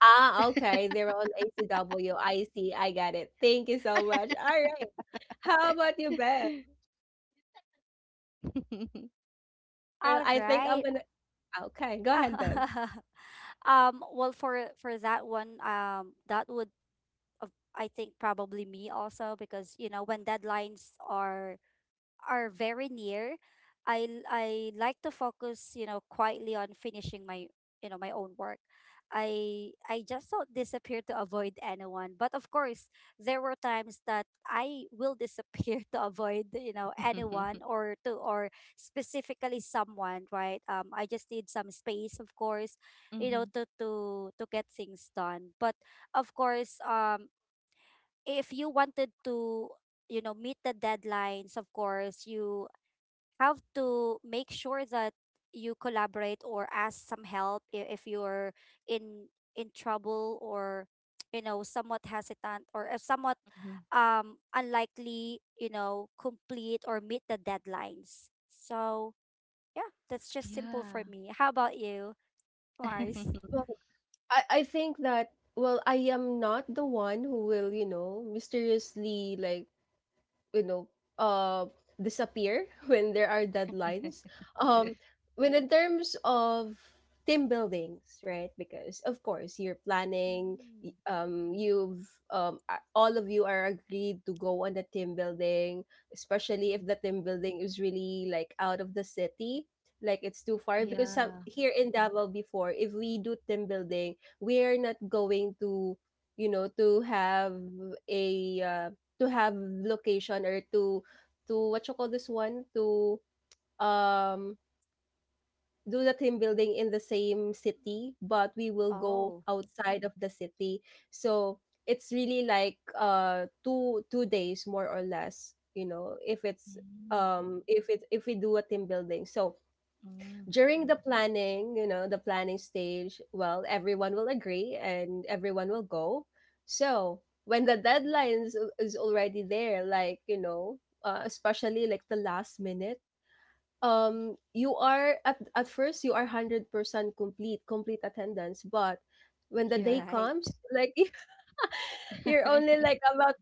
S1: Ah, okay, they're on ACW. I see, I got it. Thank you so much. All right. How about you, Bev? Well,
S3: All
S1: I think I'm
S3: right.
S1: gonna okay, go ahead, Bev.
S3: Well, for that one, that would I think probably me also, because you know, when deadlines are very near, I like to focus, you know, quietly on finishing my, you know, my own work. I just don't disappear to avoid anyone. But of course, there were times that I will disappear to avoid, you know,
S2: Hmm.
S3: anyone, or to, or specifically someone, right? I just need some space, of course, you
S2: Hmm.
S3: know, to to get things done. But of course, if you wanted to, you know, meet the deadlines, of course you have to make sure that you collaborate or ask some help, if you're in trouble, or you know, somewhat hesitant, or if somewhat unlikely, you know, complete or meet the deadlines. So yeah, that's just simple for
S2: Yeah.
S3: me. How about you, Mars?
S1: I think that, well, I am not the one who will, you know, mysteriously like, you know, uh disappear when there are deadlines, um when in terms of team buildings, right? Because of course you're planning,
S3: Mm.
S1: you've all of you are agreed to go on the team building, especially if
S2: Mhm.
S1: the team building is really like out of the city, like it's too far. Because some
S2: Yeah.
S1: here in Davao before, if we do team building, we are not going to, you know, to have a to have location, or to what you call this one, to um do the team building in the same city, but we will go
S3: Oh.
S1: outside of the city. So it's really like 2 2 days more or less, you know, if it's
S2: Mm,
S1: if it if we do a team building. So
S2: mm,
S1: during the planning, you know, the planning stage, well, everyone will agree and everyone will go. So when the deadline is already there, like, you know, especially like the last minute, you are at first you are 100% complete, complete attendance. But when the day
S2: yeah.
S3: Right.
S1: comes, like, you're only like about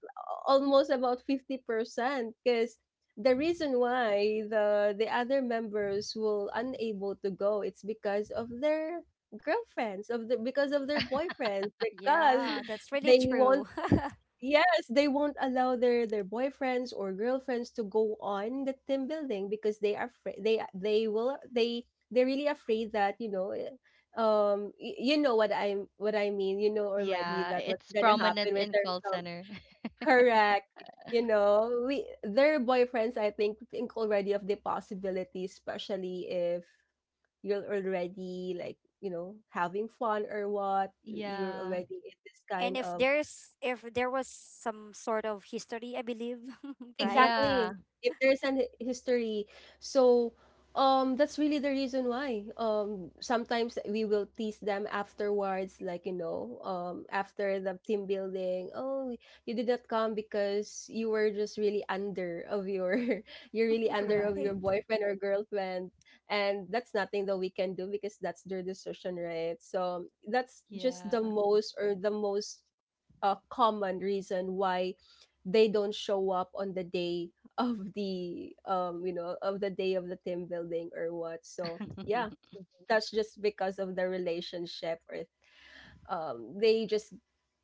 S1: almost about 50%, because the reason why the other members will unable to go, it's because of their girlfriends, of the because of their boyfriends, because
S3: Yeah, that's really
S1: they
S3: true.
S1: want yes, they won't allow their boyfriends or girlfriends to go on the team building because they are afraid they will they they're really afraid that you know eh, you know what I'm what I mean, you know already
S2: Yeah,
S1: that what's
S2: it's
S1: gonna
S2: prominent
S1: happen in
S2: in call
S1: terms of
S2: center.
S1: correct, you know we their boyfriends I think already of the possibility, especially if you're already like, you know, having fun or what, you're
S2: Yeah.
S1: already in this kind
S3: And if
S1: of
S3: there's, if there was some sort of history, I believe. Right.
S1: exactly.
S2: Yeah.
S1: If there's an hi- history. So, that's really the reason why. Sometimes we will tease them afterwards, like, you know, after the team building, oh, you did not come because you were just really under of your, you're really under of your
S3: Right.
S1: boyfriend or girlfriend. And that's nothing that we can do because that's their decision, right? So that's just the
S2: Yeah.
S1: most, or the most a common reason why they don't show up on the day of the you know of the day of the team building or what. So yeah, that's just because of the relationship, or they just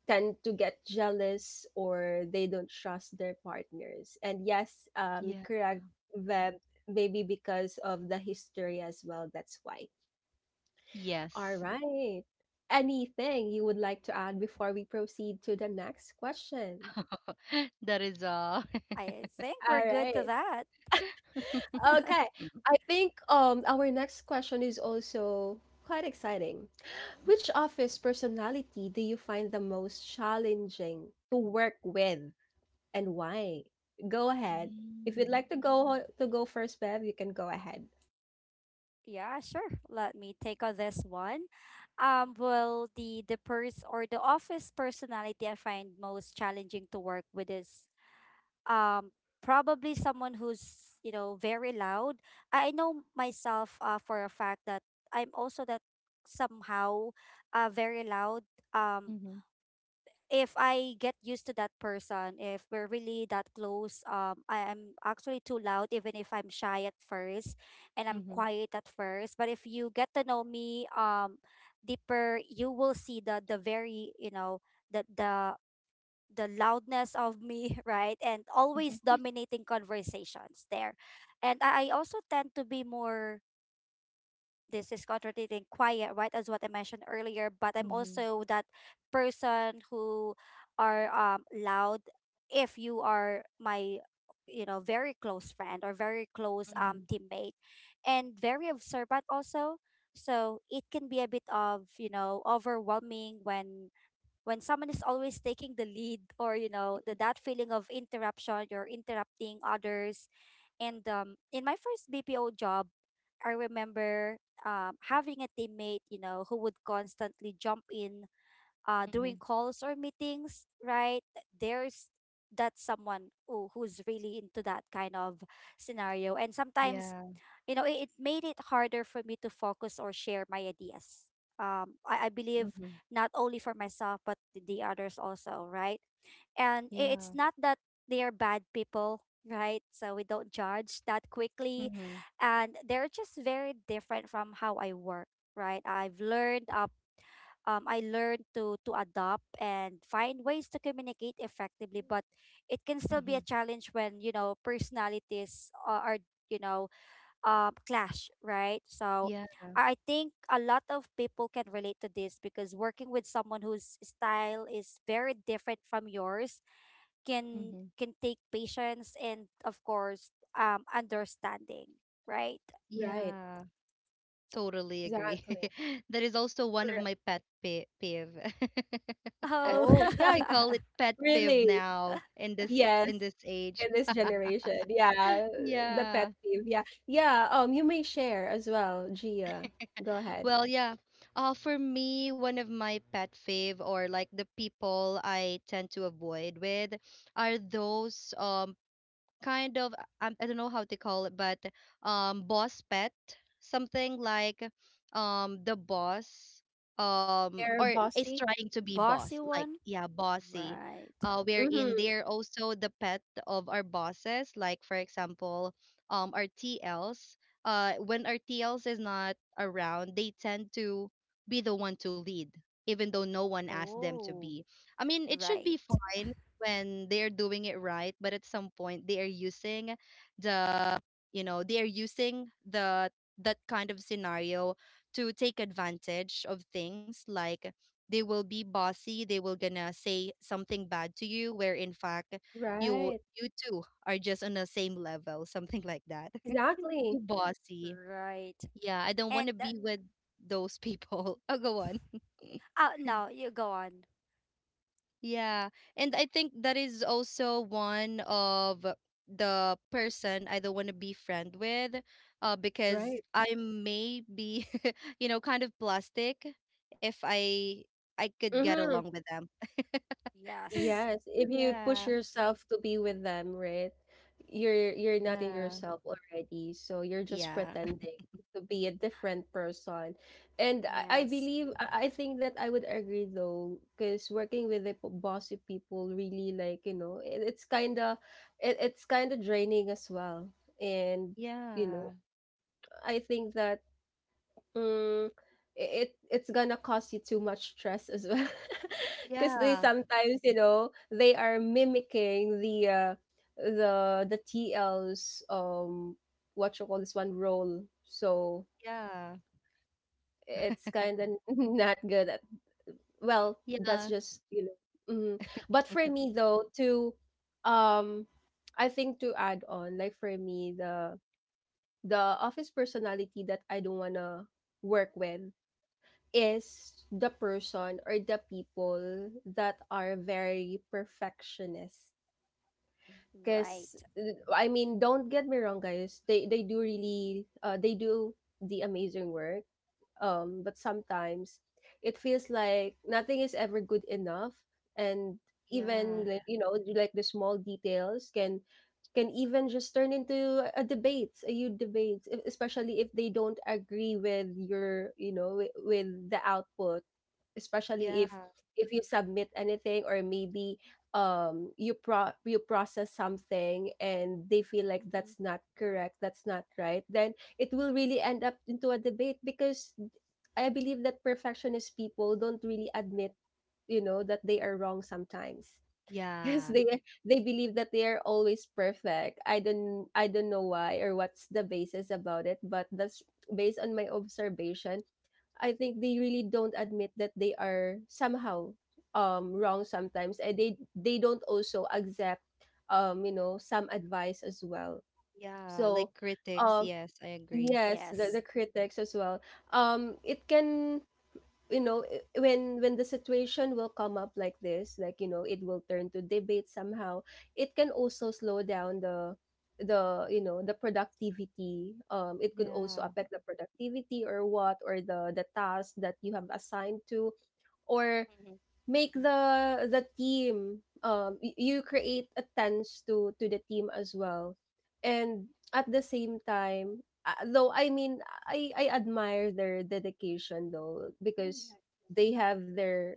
S1: tend to get jealous, or they don't trust their partners, and yes,
S2: Yeah.
S1: correct Veb, maybe because of the history as well, that's why. All
S2: Yes.
S1: right, anything you would like to add before we proceed to the next question?
S2: That is all.
S3: I think
S1: All
S3: we're good to
S1: right.
S3: that.
S1: Okay, I think our next question is also quite exciting. Which office personality do you find the most challenging to work with, and why? Go ahead. If you'd
S2: Mm.
S1: like to go first, Bev, you can go ahead.
S3: Yeah, sure. Let me take on this one. Well, the or the office personality I find most challenging to work with is um probably someone who's, you know, very loud. I know myself, for a fact, that I'm also that somehow very loud.
S2: Mhm.
S3: If I get used to that person, if we're really that close, I am actually too loud, even if I'm shy at first and I'm
S2: Mhm.
S3: quiet at first. But if you get to know me deeper, you will see the very, you know, the the loudness of me, right? And always
S2: Mhm.
S3: dominating conversations there. And I also tend to be more, this is contradicting, quiet, right? As what I mentioned earlier, but I'm
S2: Mhm.
S3: also that person who are loud if you are my, you know, very close friend or very close
S2: Mhm.
S3: teammate, and very observant also. So it can be a bit of, you know, overwhelming when someone is always taking the lead, or you know, the, that feeling of interruption, you're interrupting others. And in my first BPO job, I remember having a teammate, you know, who would constantly jump in
S2: Mhm.
S3: during calls or meetings, right? There's that someone who, who's really into that kind of scenario. And sometimes,
S2: Yeah.
S3: you know, it made it harder for me to focus or share my ideas. I believe
S2: Mhm.
S3: not only for myself, but the others also, right? And it's
S2: Yeah.
S3: not that they are bad people, right? So we don't judge that quickly.
S2: Mhm.
S3: And they're just very different from how I work, right? I've learned up. I learned to adopt and find ways to communicate effectively, but it can still be a
S2: Mhm.
S3: challenge when, you know, personalities are, you know, clash, right? So
S2: Yeah.
S3: I think a lot of people can relate to this, because working with someone whose style is very different from yours can
S2: Mhm.
S3: take patience, and of course, understanding, right?
S1: Right.
S2: Yeah. Totally agree.
S1: Exactly.
S2: That is also one of
S1: Correct.
S2: my pet pi peeve.
S3: Oh.
S1: Oh, yeah,
S2: We call it pet peeve
S1: really.
S2: now in this
S1: Yes,
S2: in this age.
S1: in this generation. Yeah, the
S2: Yeah.
S1: pet peeve. Yeah. Yeah, you may share as well, Gia. Go ahead.
S2: Well, yeah. For me, one of my pet fave or like the people I tend to avoid with are those kind of, I don't know how to call it, but boss pet, something like the boss
S1: They're
S2: or is
S1: bossy.
S2: trying to be boss,
S3: Bossy
S2: like
S3: one?
S2: yeah, bossy.
S3: Right.
S2: Wherein they're also the pet of our bosses, like for example, our TLs. When our TLs is not around, they tend to be the one to lead, even though no one asked them to
S3: Oh,
S2: be. I mean, it should
S3: right.
S2: be fine when they're doing it right, but at some point they are using the you know they are using the that kind of scenario to take advantage of things, like they will be bossy, they will gonna say something bad to you, where in fact you
S1: Right.
S2: you two are just on the same level, something like that.
S1: Exactly.
S2: Too bossy,
S3: Right.
S2: yeah, I don't want
S3: And
S2: to
S3: that,
S2: be with those people. Oh, go on.
S3: oh, no, you go on.
S2: Yeah. And I think that is also one of the person I don't want to be friend with, because
S1: Right.
S2: I may be, kind of plastic if I could get
S1: Mm-hmm.
S2: along with them.
S3: Yes.
S1: Yes. If you push
S2: Yeah.
S1: yourself to be with them, right? You're not in
S2: Yeah.
S1: yourself already. So you're just
S2: Yeah.
S1: pretending to be a different person. And I
S3: Yes.
S1: believe I think that I would agree though, because working with the p- bossy people really, like, you know, it, it's kinda draining as well. And you know,
S2: Yeah.
S1: I think that mm, it's gonna cause you too much stress as well, because they
S2: Yeah.
S1: sometimes, you know, they are mimicking the the TL's what you call this one role. So
S2: Yeah.
S1: it's kind of not good at well, that's
S2: Yeah.
S1: just, you know. Hmm. But for me though, to um I think to add on, like for me, the office personality that I don't wanna work with is the person or the people that are very perfectionist, because
S3: Right.
S1: I mean don't get me wrong guys, they do really they do the amazing work, but sometimes it feels like nothing is ever good enough, and
S2: Yeah.
S1: even like, you know, like the small details can even just turn into a debate, a huge debate, especially if they don't agree with your, you know, with the output,
S2: Yeah.
S1: especially if you submit anything, or maybe you pro you process something, and they feel like
S3: Mm-hmm.
S1: that's not correct, that's not right, then it will really end up into a debate, because I believe that perfectionist people don't really admit, you know, that they are wrong sometimes, because
S2: Yeah.
S1: they believe that they are always perfect. I don't know why or what's the basis about it, but that's based on my observation. I think they really don't admit that they are somehow wrong sometimes, and they don't also accept you know some advice as well.
S2: Yeah.
S1: So
S2: Like critics.
S1: um
S2: Yes, I agree.
S1: yes,
S3: Yes.
S1: the critics as well. It can, you know, when the situation will come up like this, like, you know, it will turn to debate somehow. It can also slow down the, you know, the productivity, it could also
S2: Yeah.
S1: affect the productivity or what, or the task that you have assigned to, or
S2: Mhm.
S1: make the team you create a tense to the team as well. And at the same time though I mean I admire their dedication, though, because
S2: Agree.
S1: they have their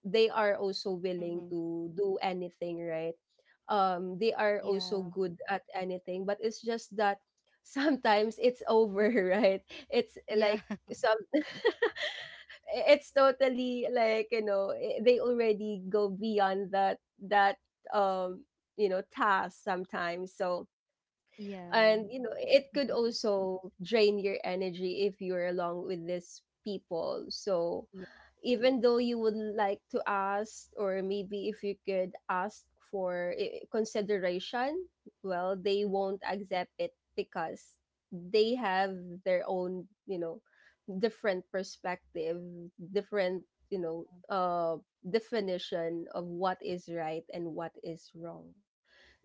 S1: they are also willing
S2: Mhm.
S1: to do anything, right? They are also
S2: Yeah.
S1: good at anything, but it's just that sometimes it's over, right? It's eh,
S2: Yeah.
S1: like some it's totally like, you know, they already go beyond that that um you know task sometimes. So
S2: Yeah.
S1: and you know it could also drain your energy if you're along with these people. So
S2: Ye-
S1: even though you would like to ask, or maybe if you could ask for consideration, well they won't accept it, because they have their own, you know, different perspective, different, you know, uh definition of what is right and what is wrong.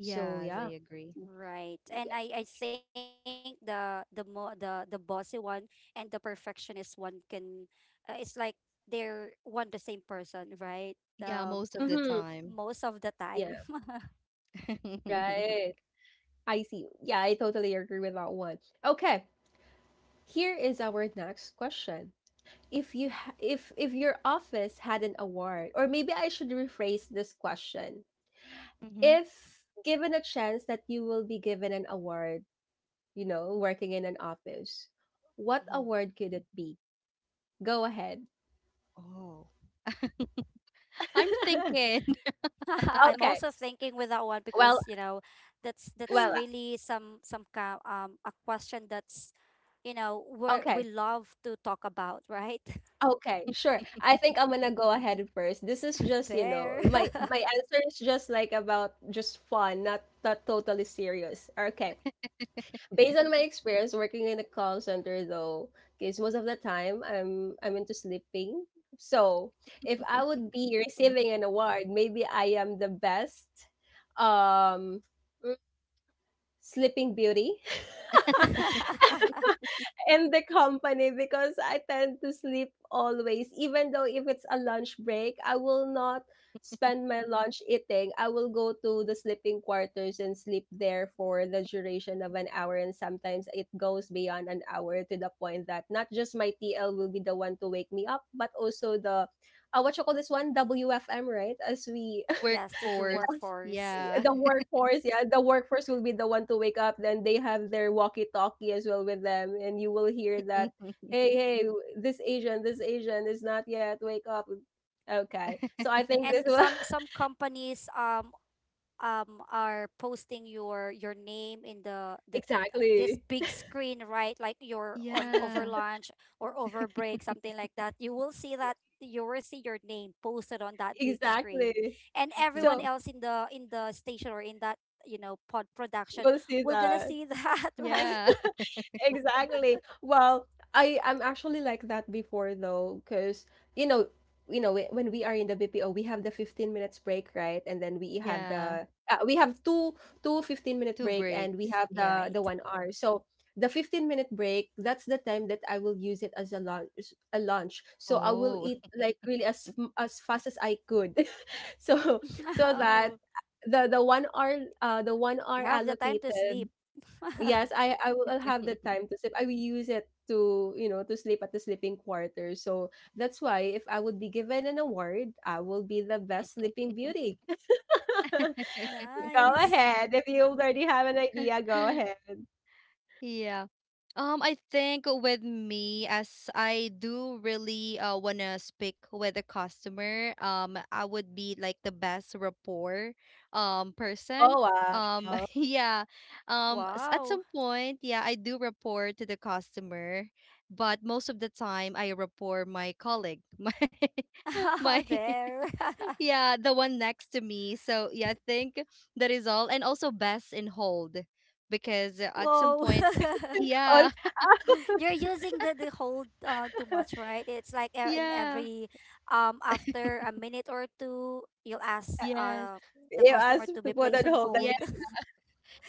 S1: So yeah,
S2: I agree.
S3: Right.
S1: yeah,
S3: And I think the mo the bossy one and the perfectionist one can, it's like they're one the same person, right?
S2: Yeah,
S3: Um,
S2: most of the
S1: mm-hmm.
S2: time.
S3: most of the
S1: yeah
S3: time.
S2: Mm-hmm.
S1: right i see yeah I totally agree with that one. Okay, here is our next question. If your office had an award, or maybe I should rephrase this question,
S2: Hmm.
S1: if given a chance that you will be given an award, you know, working in an office, what
S2: Mhm.
S1: award could it be? Go ahead.
S2: Oh. I'm thinking.
S3: I'm
S1: okay
S3: also thinking with that one
S1: well
S3: because, you know, that's
S1: well
S3: really some kind a question that's, you know, we
S1: okay
S3: love to talk about, right?
S1: okay. Sure, I think I'm gonna go ahead first. This is just, you know,
S3: There.
S1: my answer is just like about just fun, not totally serious. Okay. Based on my experience working in a call center though, because most of the time I'm into sleeping. So if I would be receiving an award, maybe I am the best um mm, sleeping beauty. In the company, because I tend to sleep always. Even though if it's a lunch break, I will not spend my lunch eating. I will go to the sleeping quarters and sleep there for the duration of an hour. And sometimes it goes beyond an hour, to the point that not just my TL will be the one to wake me up, but also the what you call this one, WFM, right? As we
S3: Yes, to the
S2: Workforce.
S3: workforce.
S2: Yeah.
S1: the workforce, yeah, the workforce will be the one to wake up. Then they have their walkie talkie as well with them, and you will hear that, "Hey, hey, this Asian, this Asian is not yet wake up." Okay, so I think
S3: And
S1: this will
S3: some companies are posting your name in the this
S1: exactly
S3: big screen, right? Like, you're on over
S2: Yeah.
S3: lunch or over break, something like that. You will see that, you will see your name posted on that big screen,
S1: exactly,
S3: and everyone
S1: so
S3: else in the station, or in that, you know, pod production,
S1: we'll see
S3: will gonna
S1: that.
S3: see that. Right.
S2: Yeah.
S1: Exactly. Well, I'm actually like that before, though, because you know, you know, when we are in the BPO, we have the 15 minutes break, right? And then we have
S2: Yeah.
S1: the we have two two 15 minute
S2: Two
S1: break, and we
S2: breaks.
S1: have
S2: Yeah.
S1: the
S3: Right.
S1: 1 hour. So the 15-minute break, that's the time that I will use it as a lunch. So I will
S2: Oh.
S1: eat like really as as fast as I could, so so that
S3: Oh,
S1: the 1 hour the 1 hour
S3: you have the time to sleep.
S1: allocated. Yes, I will I'll have the time to sleep. I will use it to, you know, to sleep at the sleeping quarters. So that's why if I would be given an award, I will be the best sleeping beauty. Go
S3: Nice.
S1: ahead. If you already have an idea, go ahead.
S2: Yeah. I think with me, as I do really wanna speak with a customer, I would be like the best rapport person.
S1: Oh, wow.
S2: Yeah. At
S3: Wow.
S2: some point, yeah, I do report to the customer, but most of the time I report my colleague, my
S3: There.
S2: yeah, the one next to me. So yeah, I think that is all. And also best in hold because at some
S3: Whoa.
S2: point,
S1: On,
S2: yeah,
S3: You're using the hold too much, right? It's like in
S2: yeah,
S3: every after a minute or two, you'll
S1: uh,
S3: ask
S2: yes,
S3: the
S1: you
S3: customer
S1: asked
S3: to be
S1: to put
S3: placed
S1: on
S3: on
S1: hold
S2: yeah.
S3: hold.
S1: again.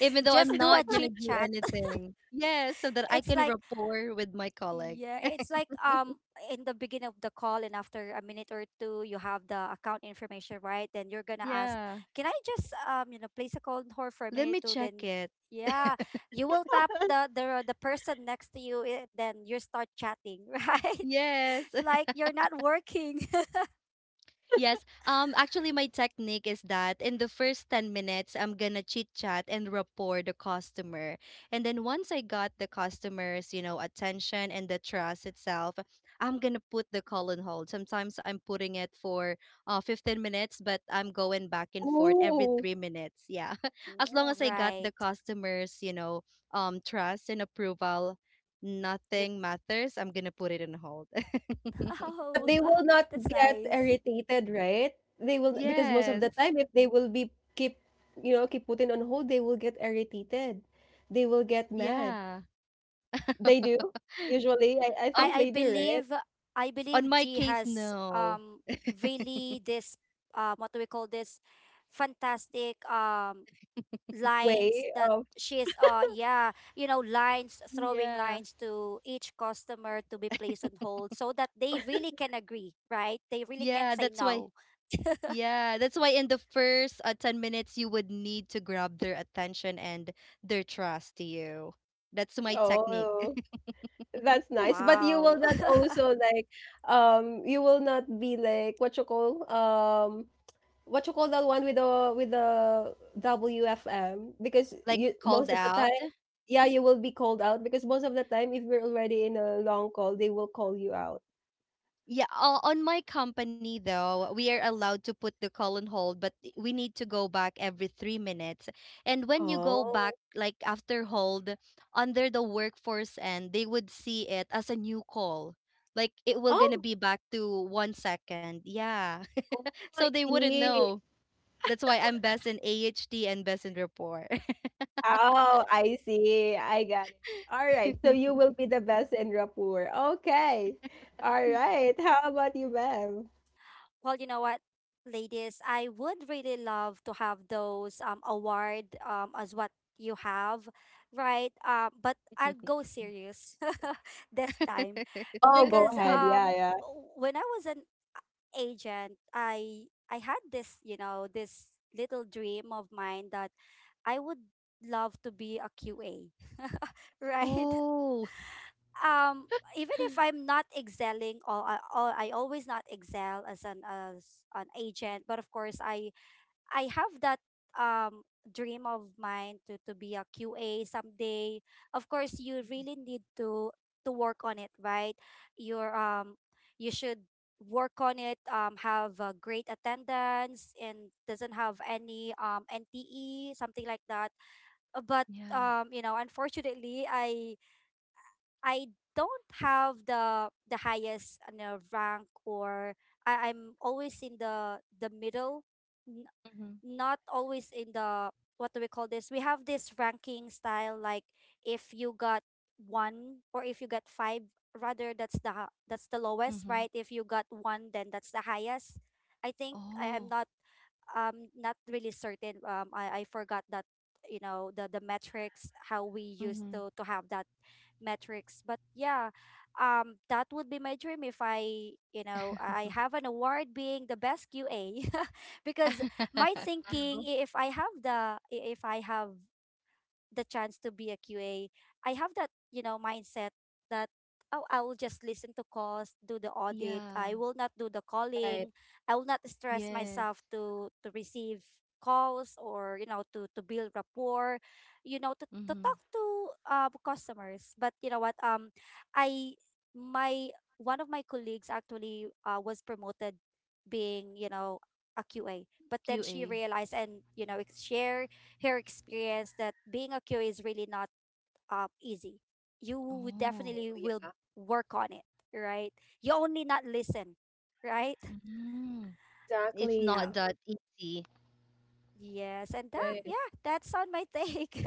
S2: Even though I'm
S3: Just do a
S2: not gonna
S3: chit
S2: do
S3: chat.
S2: anything, yes, so that I
S3: It's
S2: can
S3: like
S2: rapport with my colleague.
S3: yeah, it's like in the beginning of the call, and after a minute or two, you have the account information, right? Then you're gonna ask,
S2: Yeah,
S3: "Can I just you know, place a call on hold for a
S2: let
S3: minute
S2: me
S3: or two?"
S2: check
S3: Then
S2: it.
S3: yeah, you will tap the person next to you. Then you start chatting, right?
S2: Yes.
S3: Like, you're not working.
S2: Yes. Actually my technique is that in the first 10 minutes I'm going to chit chat and rapport the customer. And then once I got the customer's, attention and the trust itself, I'm going to put the call on hold. Sometimes I'm putting it for 15 minutes, but I'm going back and forth every
S1: Ooh.
S2: 3 minutes. Yeah. As long
S3: Oh,
S2: as I got the
S3: right.
S2: customer's, trust and approval,
S3: You
S2: nothing matters. I'm going to put it on hold.
S1: But
S3: oh,
S1: they will not
S3: that's
S1: get
S3: nice.
S1: irritated, right? They will, because most of the
S2: Yes.
S1: time if they will be keep, you know, keep putting on hold, they will get irritated. They will get mad.
S2: Yeah.
S1: They do? Usually, I
S2: Um,
S1: think
S3: I I
S1: they do, right?
S3: believe I
S2: on
S3: believe
S2: my
S3: G
S2: case,
S3: has
S2: no.
S3: really this what do we call this fantastic lines
S1: Way
S3: that
S1: of,
S3: she's yeah you know, lines throwing
S2: Yeah.
S3: lines to each customer to be placed on hold, so that they really can agree, right? They really can't
S2: Yeah,
S3: say
S2: that's why.
S3: no.
S2: Yeah, that's why in the first 10 minutes, you would need to grab their attention and their trust to you. That's my technique.
S1: oh, that's nice. But you will
S3: Wow.
S1: not also like, you will not be like what you call that one with the WFM, because
S2: Like
S1: you
S2: called
S1: most of the
S2: out.
S1: time, yeah, you will be called out because most of the time, if you're already in a long call, they will call you out.
S2: Yeah, on my company though, we are allowed to put the call on hold, but we need to go back every 3 minutes. And when you go back,
S1: Oh,
S2: like after hold, under the workforce end, they would see it as a new call. Like it will gonna
S1: oh,
S2: be back to 1 second. Yeah.
S1: oh,
S2: So
S1: I
S2: they wouldn't
S1: see.
S2: know. That's why I'm best in AHD and best in rapport.
S1: Oh, I see. I got it. All right. So you will be the best in rapport. Okay. All right. How about you, Bev?
S3: Well, you know what, ladies, I would really love to have those award as what you have, right? But I'll go serious this time,
S1: Oh, go
S3: because
S1: ahead. Yeah, yeah.
S3: when I was an agent, I had this, you know, this little dream of mine, that I would love to be a QA, right?
S2: Oh.
S3: Um, even if I'm not excelling, or I always not excel as an agent, but of course I have that dream of mine to be a QA someday. Of course, you really need to work on it, right? Your you should work on it, have a great attendance, and doesn't have any NTE, something like that. But
S2: Yeah.
S3: you know, unfortunately I don't have the highest, you know, rank, or I'm always in the middle, n-
S2: Mhm.
S3: not always in the, what do we call this? We have this ranking style like, if you got one, or if you got five, rather that's the that's the lowest,
S2: Mm-hmm.
S3: right? If you got one, then that's the highest. I think I'm
S2: Oh.
S3: not not really certain. I forgot that, you know, the metrics, how we used
S2: Mm-hmm.
S3: to have that metrics. But yeah, that would be my dream, if I, you know, I have an award being the best QA, because my thinking, if I have the, if I have the chance to be a QA, I have that, you know, mindset, that oh, I will just listen to calls, do the audit.
S2: Yeah.
S3: I will not do the
S1: Right.
S3: calling. I will not stress
S2: Yes.
S3: myself to receive calls, or, you know, to build rapport, you know, to
S2: Mm-hmm.
S3: talk to customers. But you know what? Um, I my one of my colleagues actually, was promoted being, you know, a QA. But then she
S2: QA.
S3: realized, and, you know, share her experience that being a QA is really not easy. You would
S2: Oh.
S1: Oh,
S3: definitely will
S1: yeah.
S3: work on it, right? You only not listen, right?
S2: Mm-hmm. It's not
S3: Yeah.
S1: Exactly.
S2: that easy.
S3: Yes, and that,
S1: Right.
S3: yeah, that's on my take.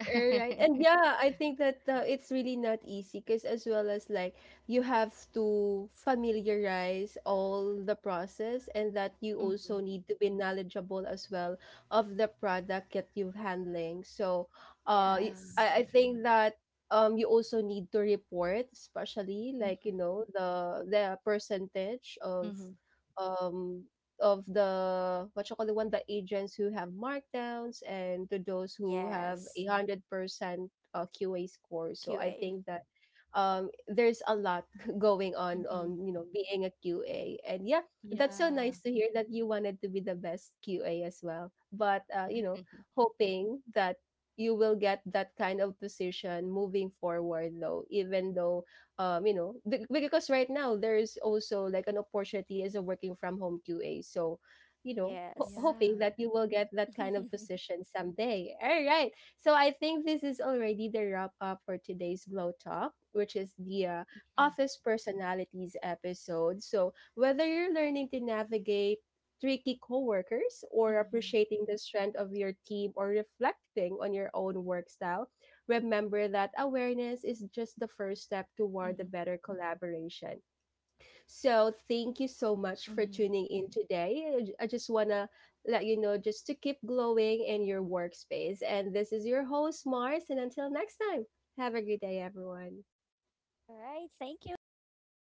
S1: Right. And yeah, I think that it's really not easy, because as well as like you have to familiarize all the process, and that you
S2: Mm-hmm.
S1: also need to be knowledgeable as well of the product that you're handling. So,
S2: Yeah.
S3: Yes.
S1: I think that you also need to report, especially like, you
S2: Mm-hmm.
S1: know, the percentage
S2: Mm-hmm.
S1: um of the what you call the one, the agents who have markdowns, and to those who have
S3: Yes.
S1: 100% QA score. So I
S3: QA.
S1: think that there's a lot going on
S2: Mm-hmm.
S1: on you know, being a QA. And yeah, that's so
S2: Yeah.
S1: nice to hear that you wanted to be the best QA as well. But you know, hoping that you will get that kind of position moving forward, though, even though you know, because right now there's also like an opportunity as a working from home QA. So, you know,
S3: Yes.
S1: hoping
S2: Yeah.
S1: that you will get that kind of
S3: All
S1: position someday. All right. So I think this is already the wrap up for today's Glow Talk, which is the office personalities episode. So whether you're learning to navigate tricky coworkers, or
S2: Mm-hmm.
S1: appreciating the strength of your team, or reflecting on your own work style, remember that awareness is just the first step
S2: Mm-hmm.
S1: toward a better collaboration. So, thank you so much for
S2: Mm-hmm.
S1: tuning in today. I just want to let you know, just to keep glowing
S2: Yeah.
S1: in your workspace. And this is your host, Mars. And until next time, have a good day, everyone.
S3: right. Thank you. Bye.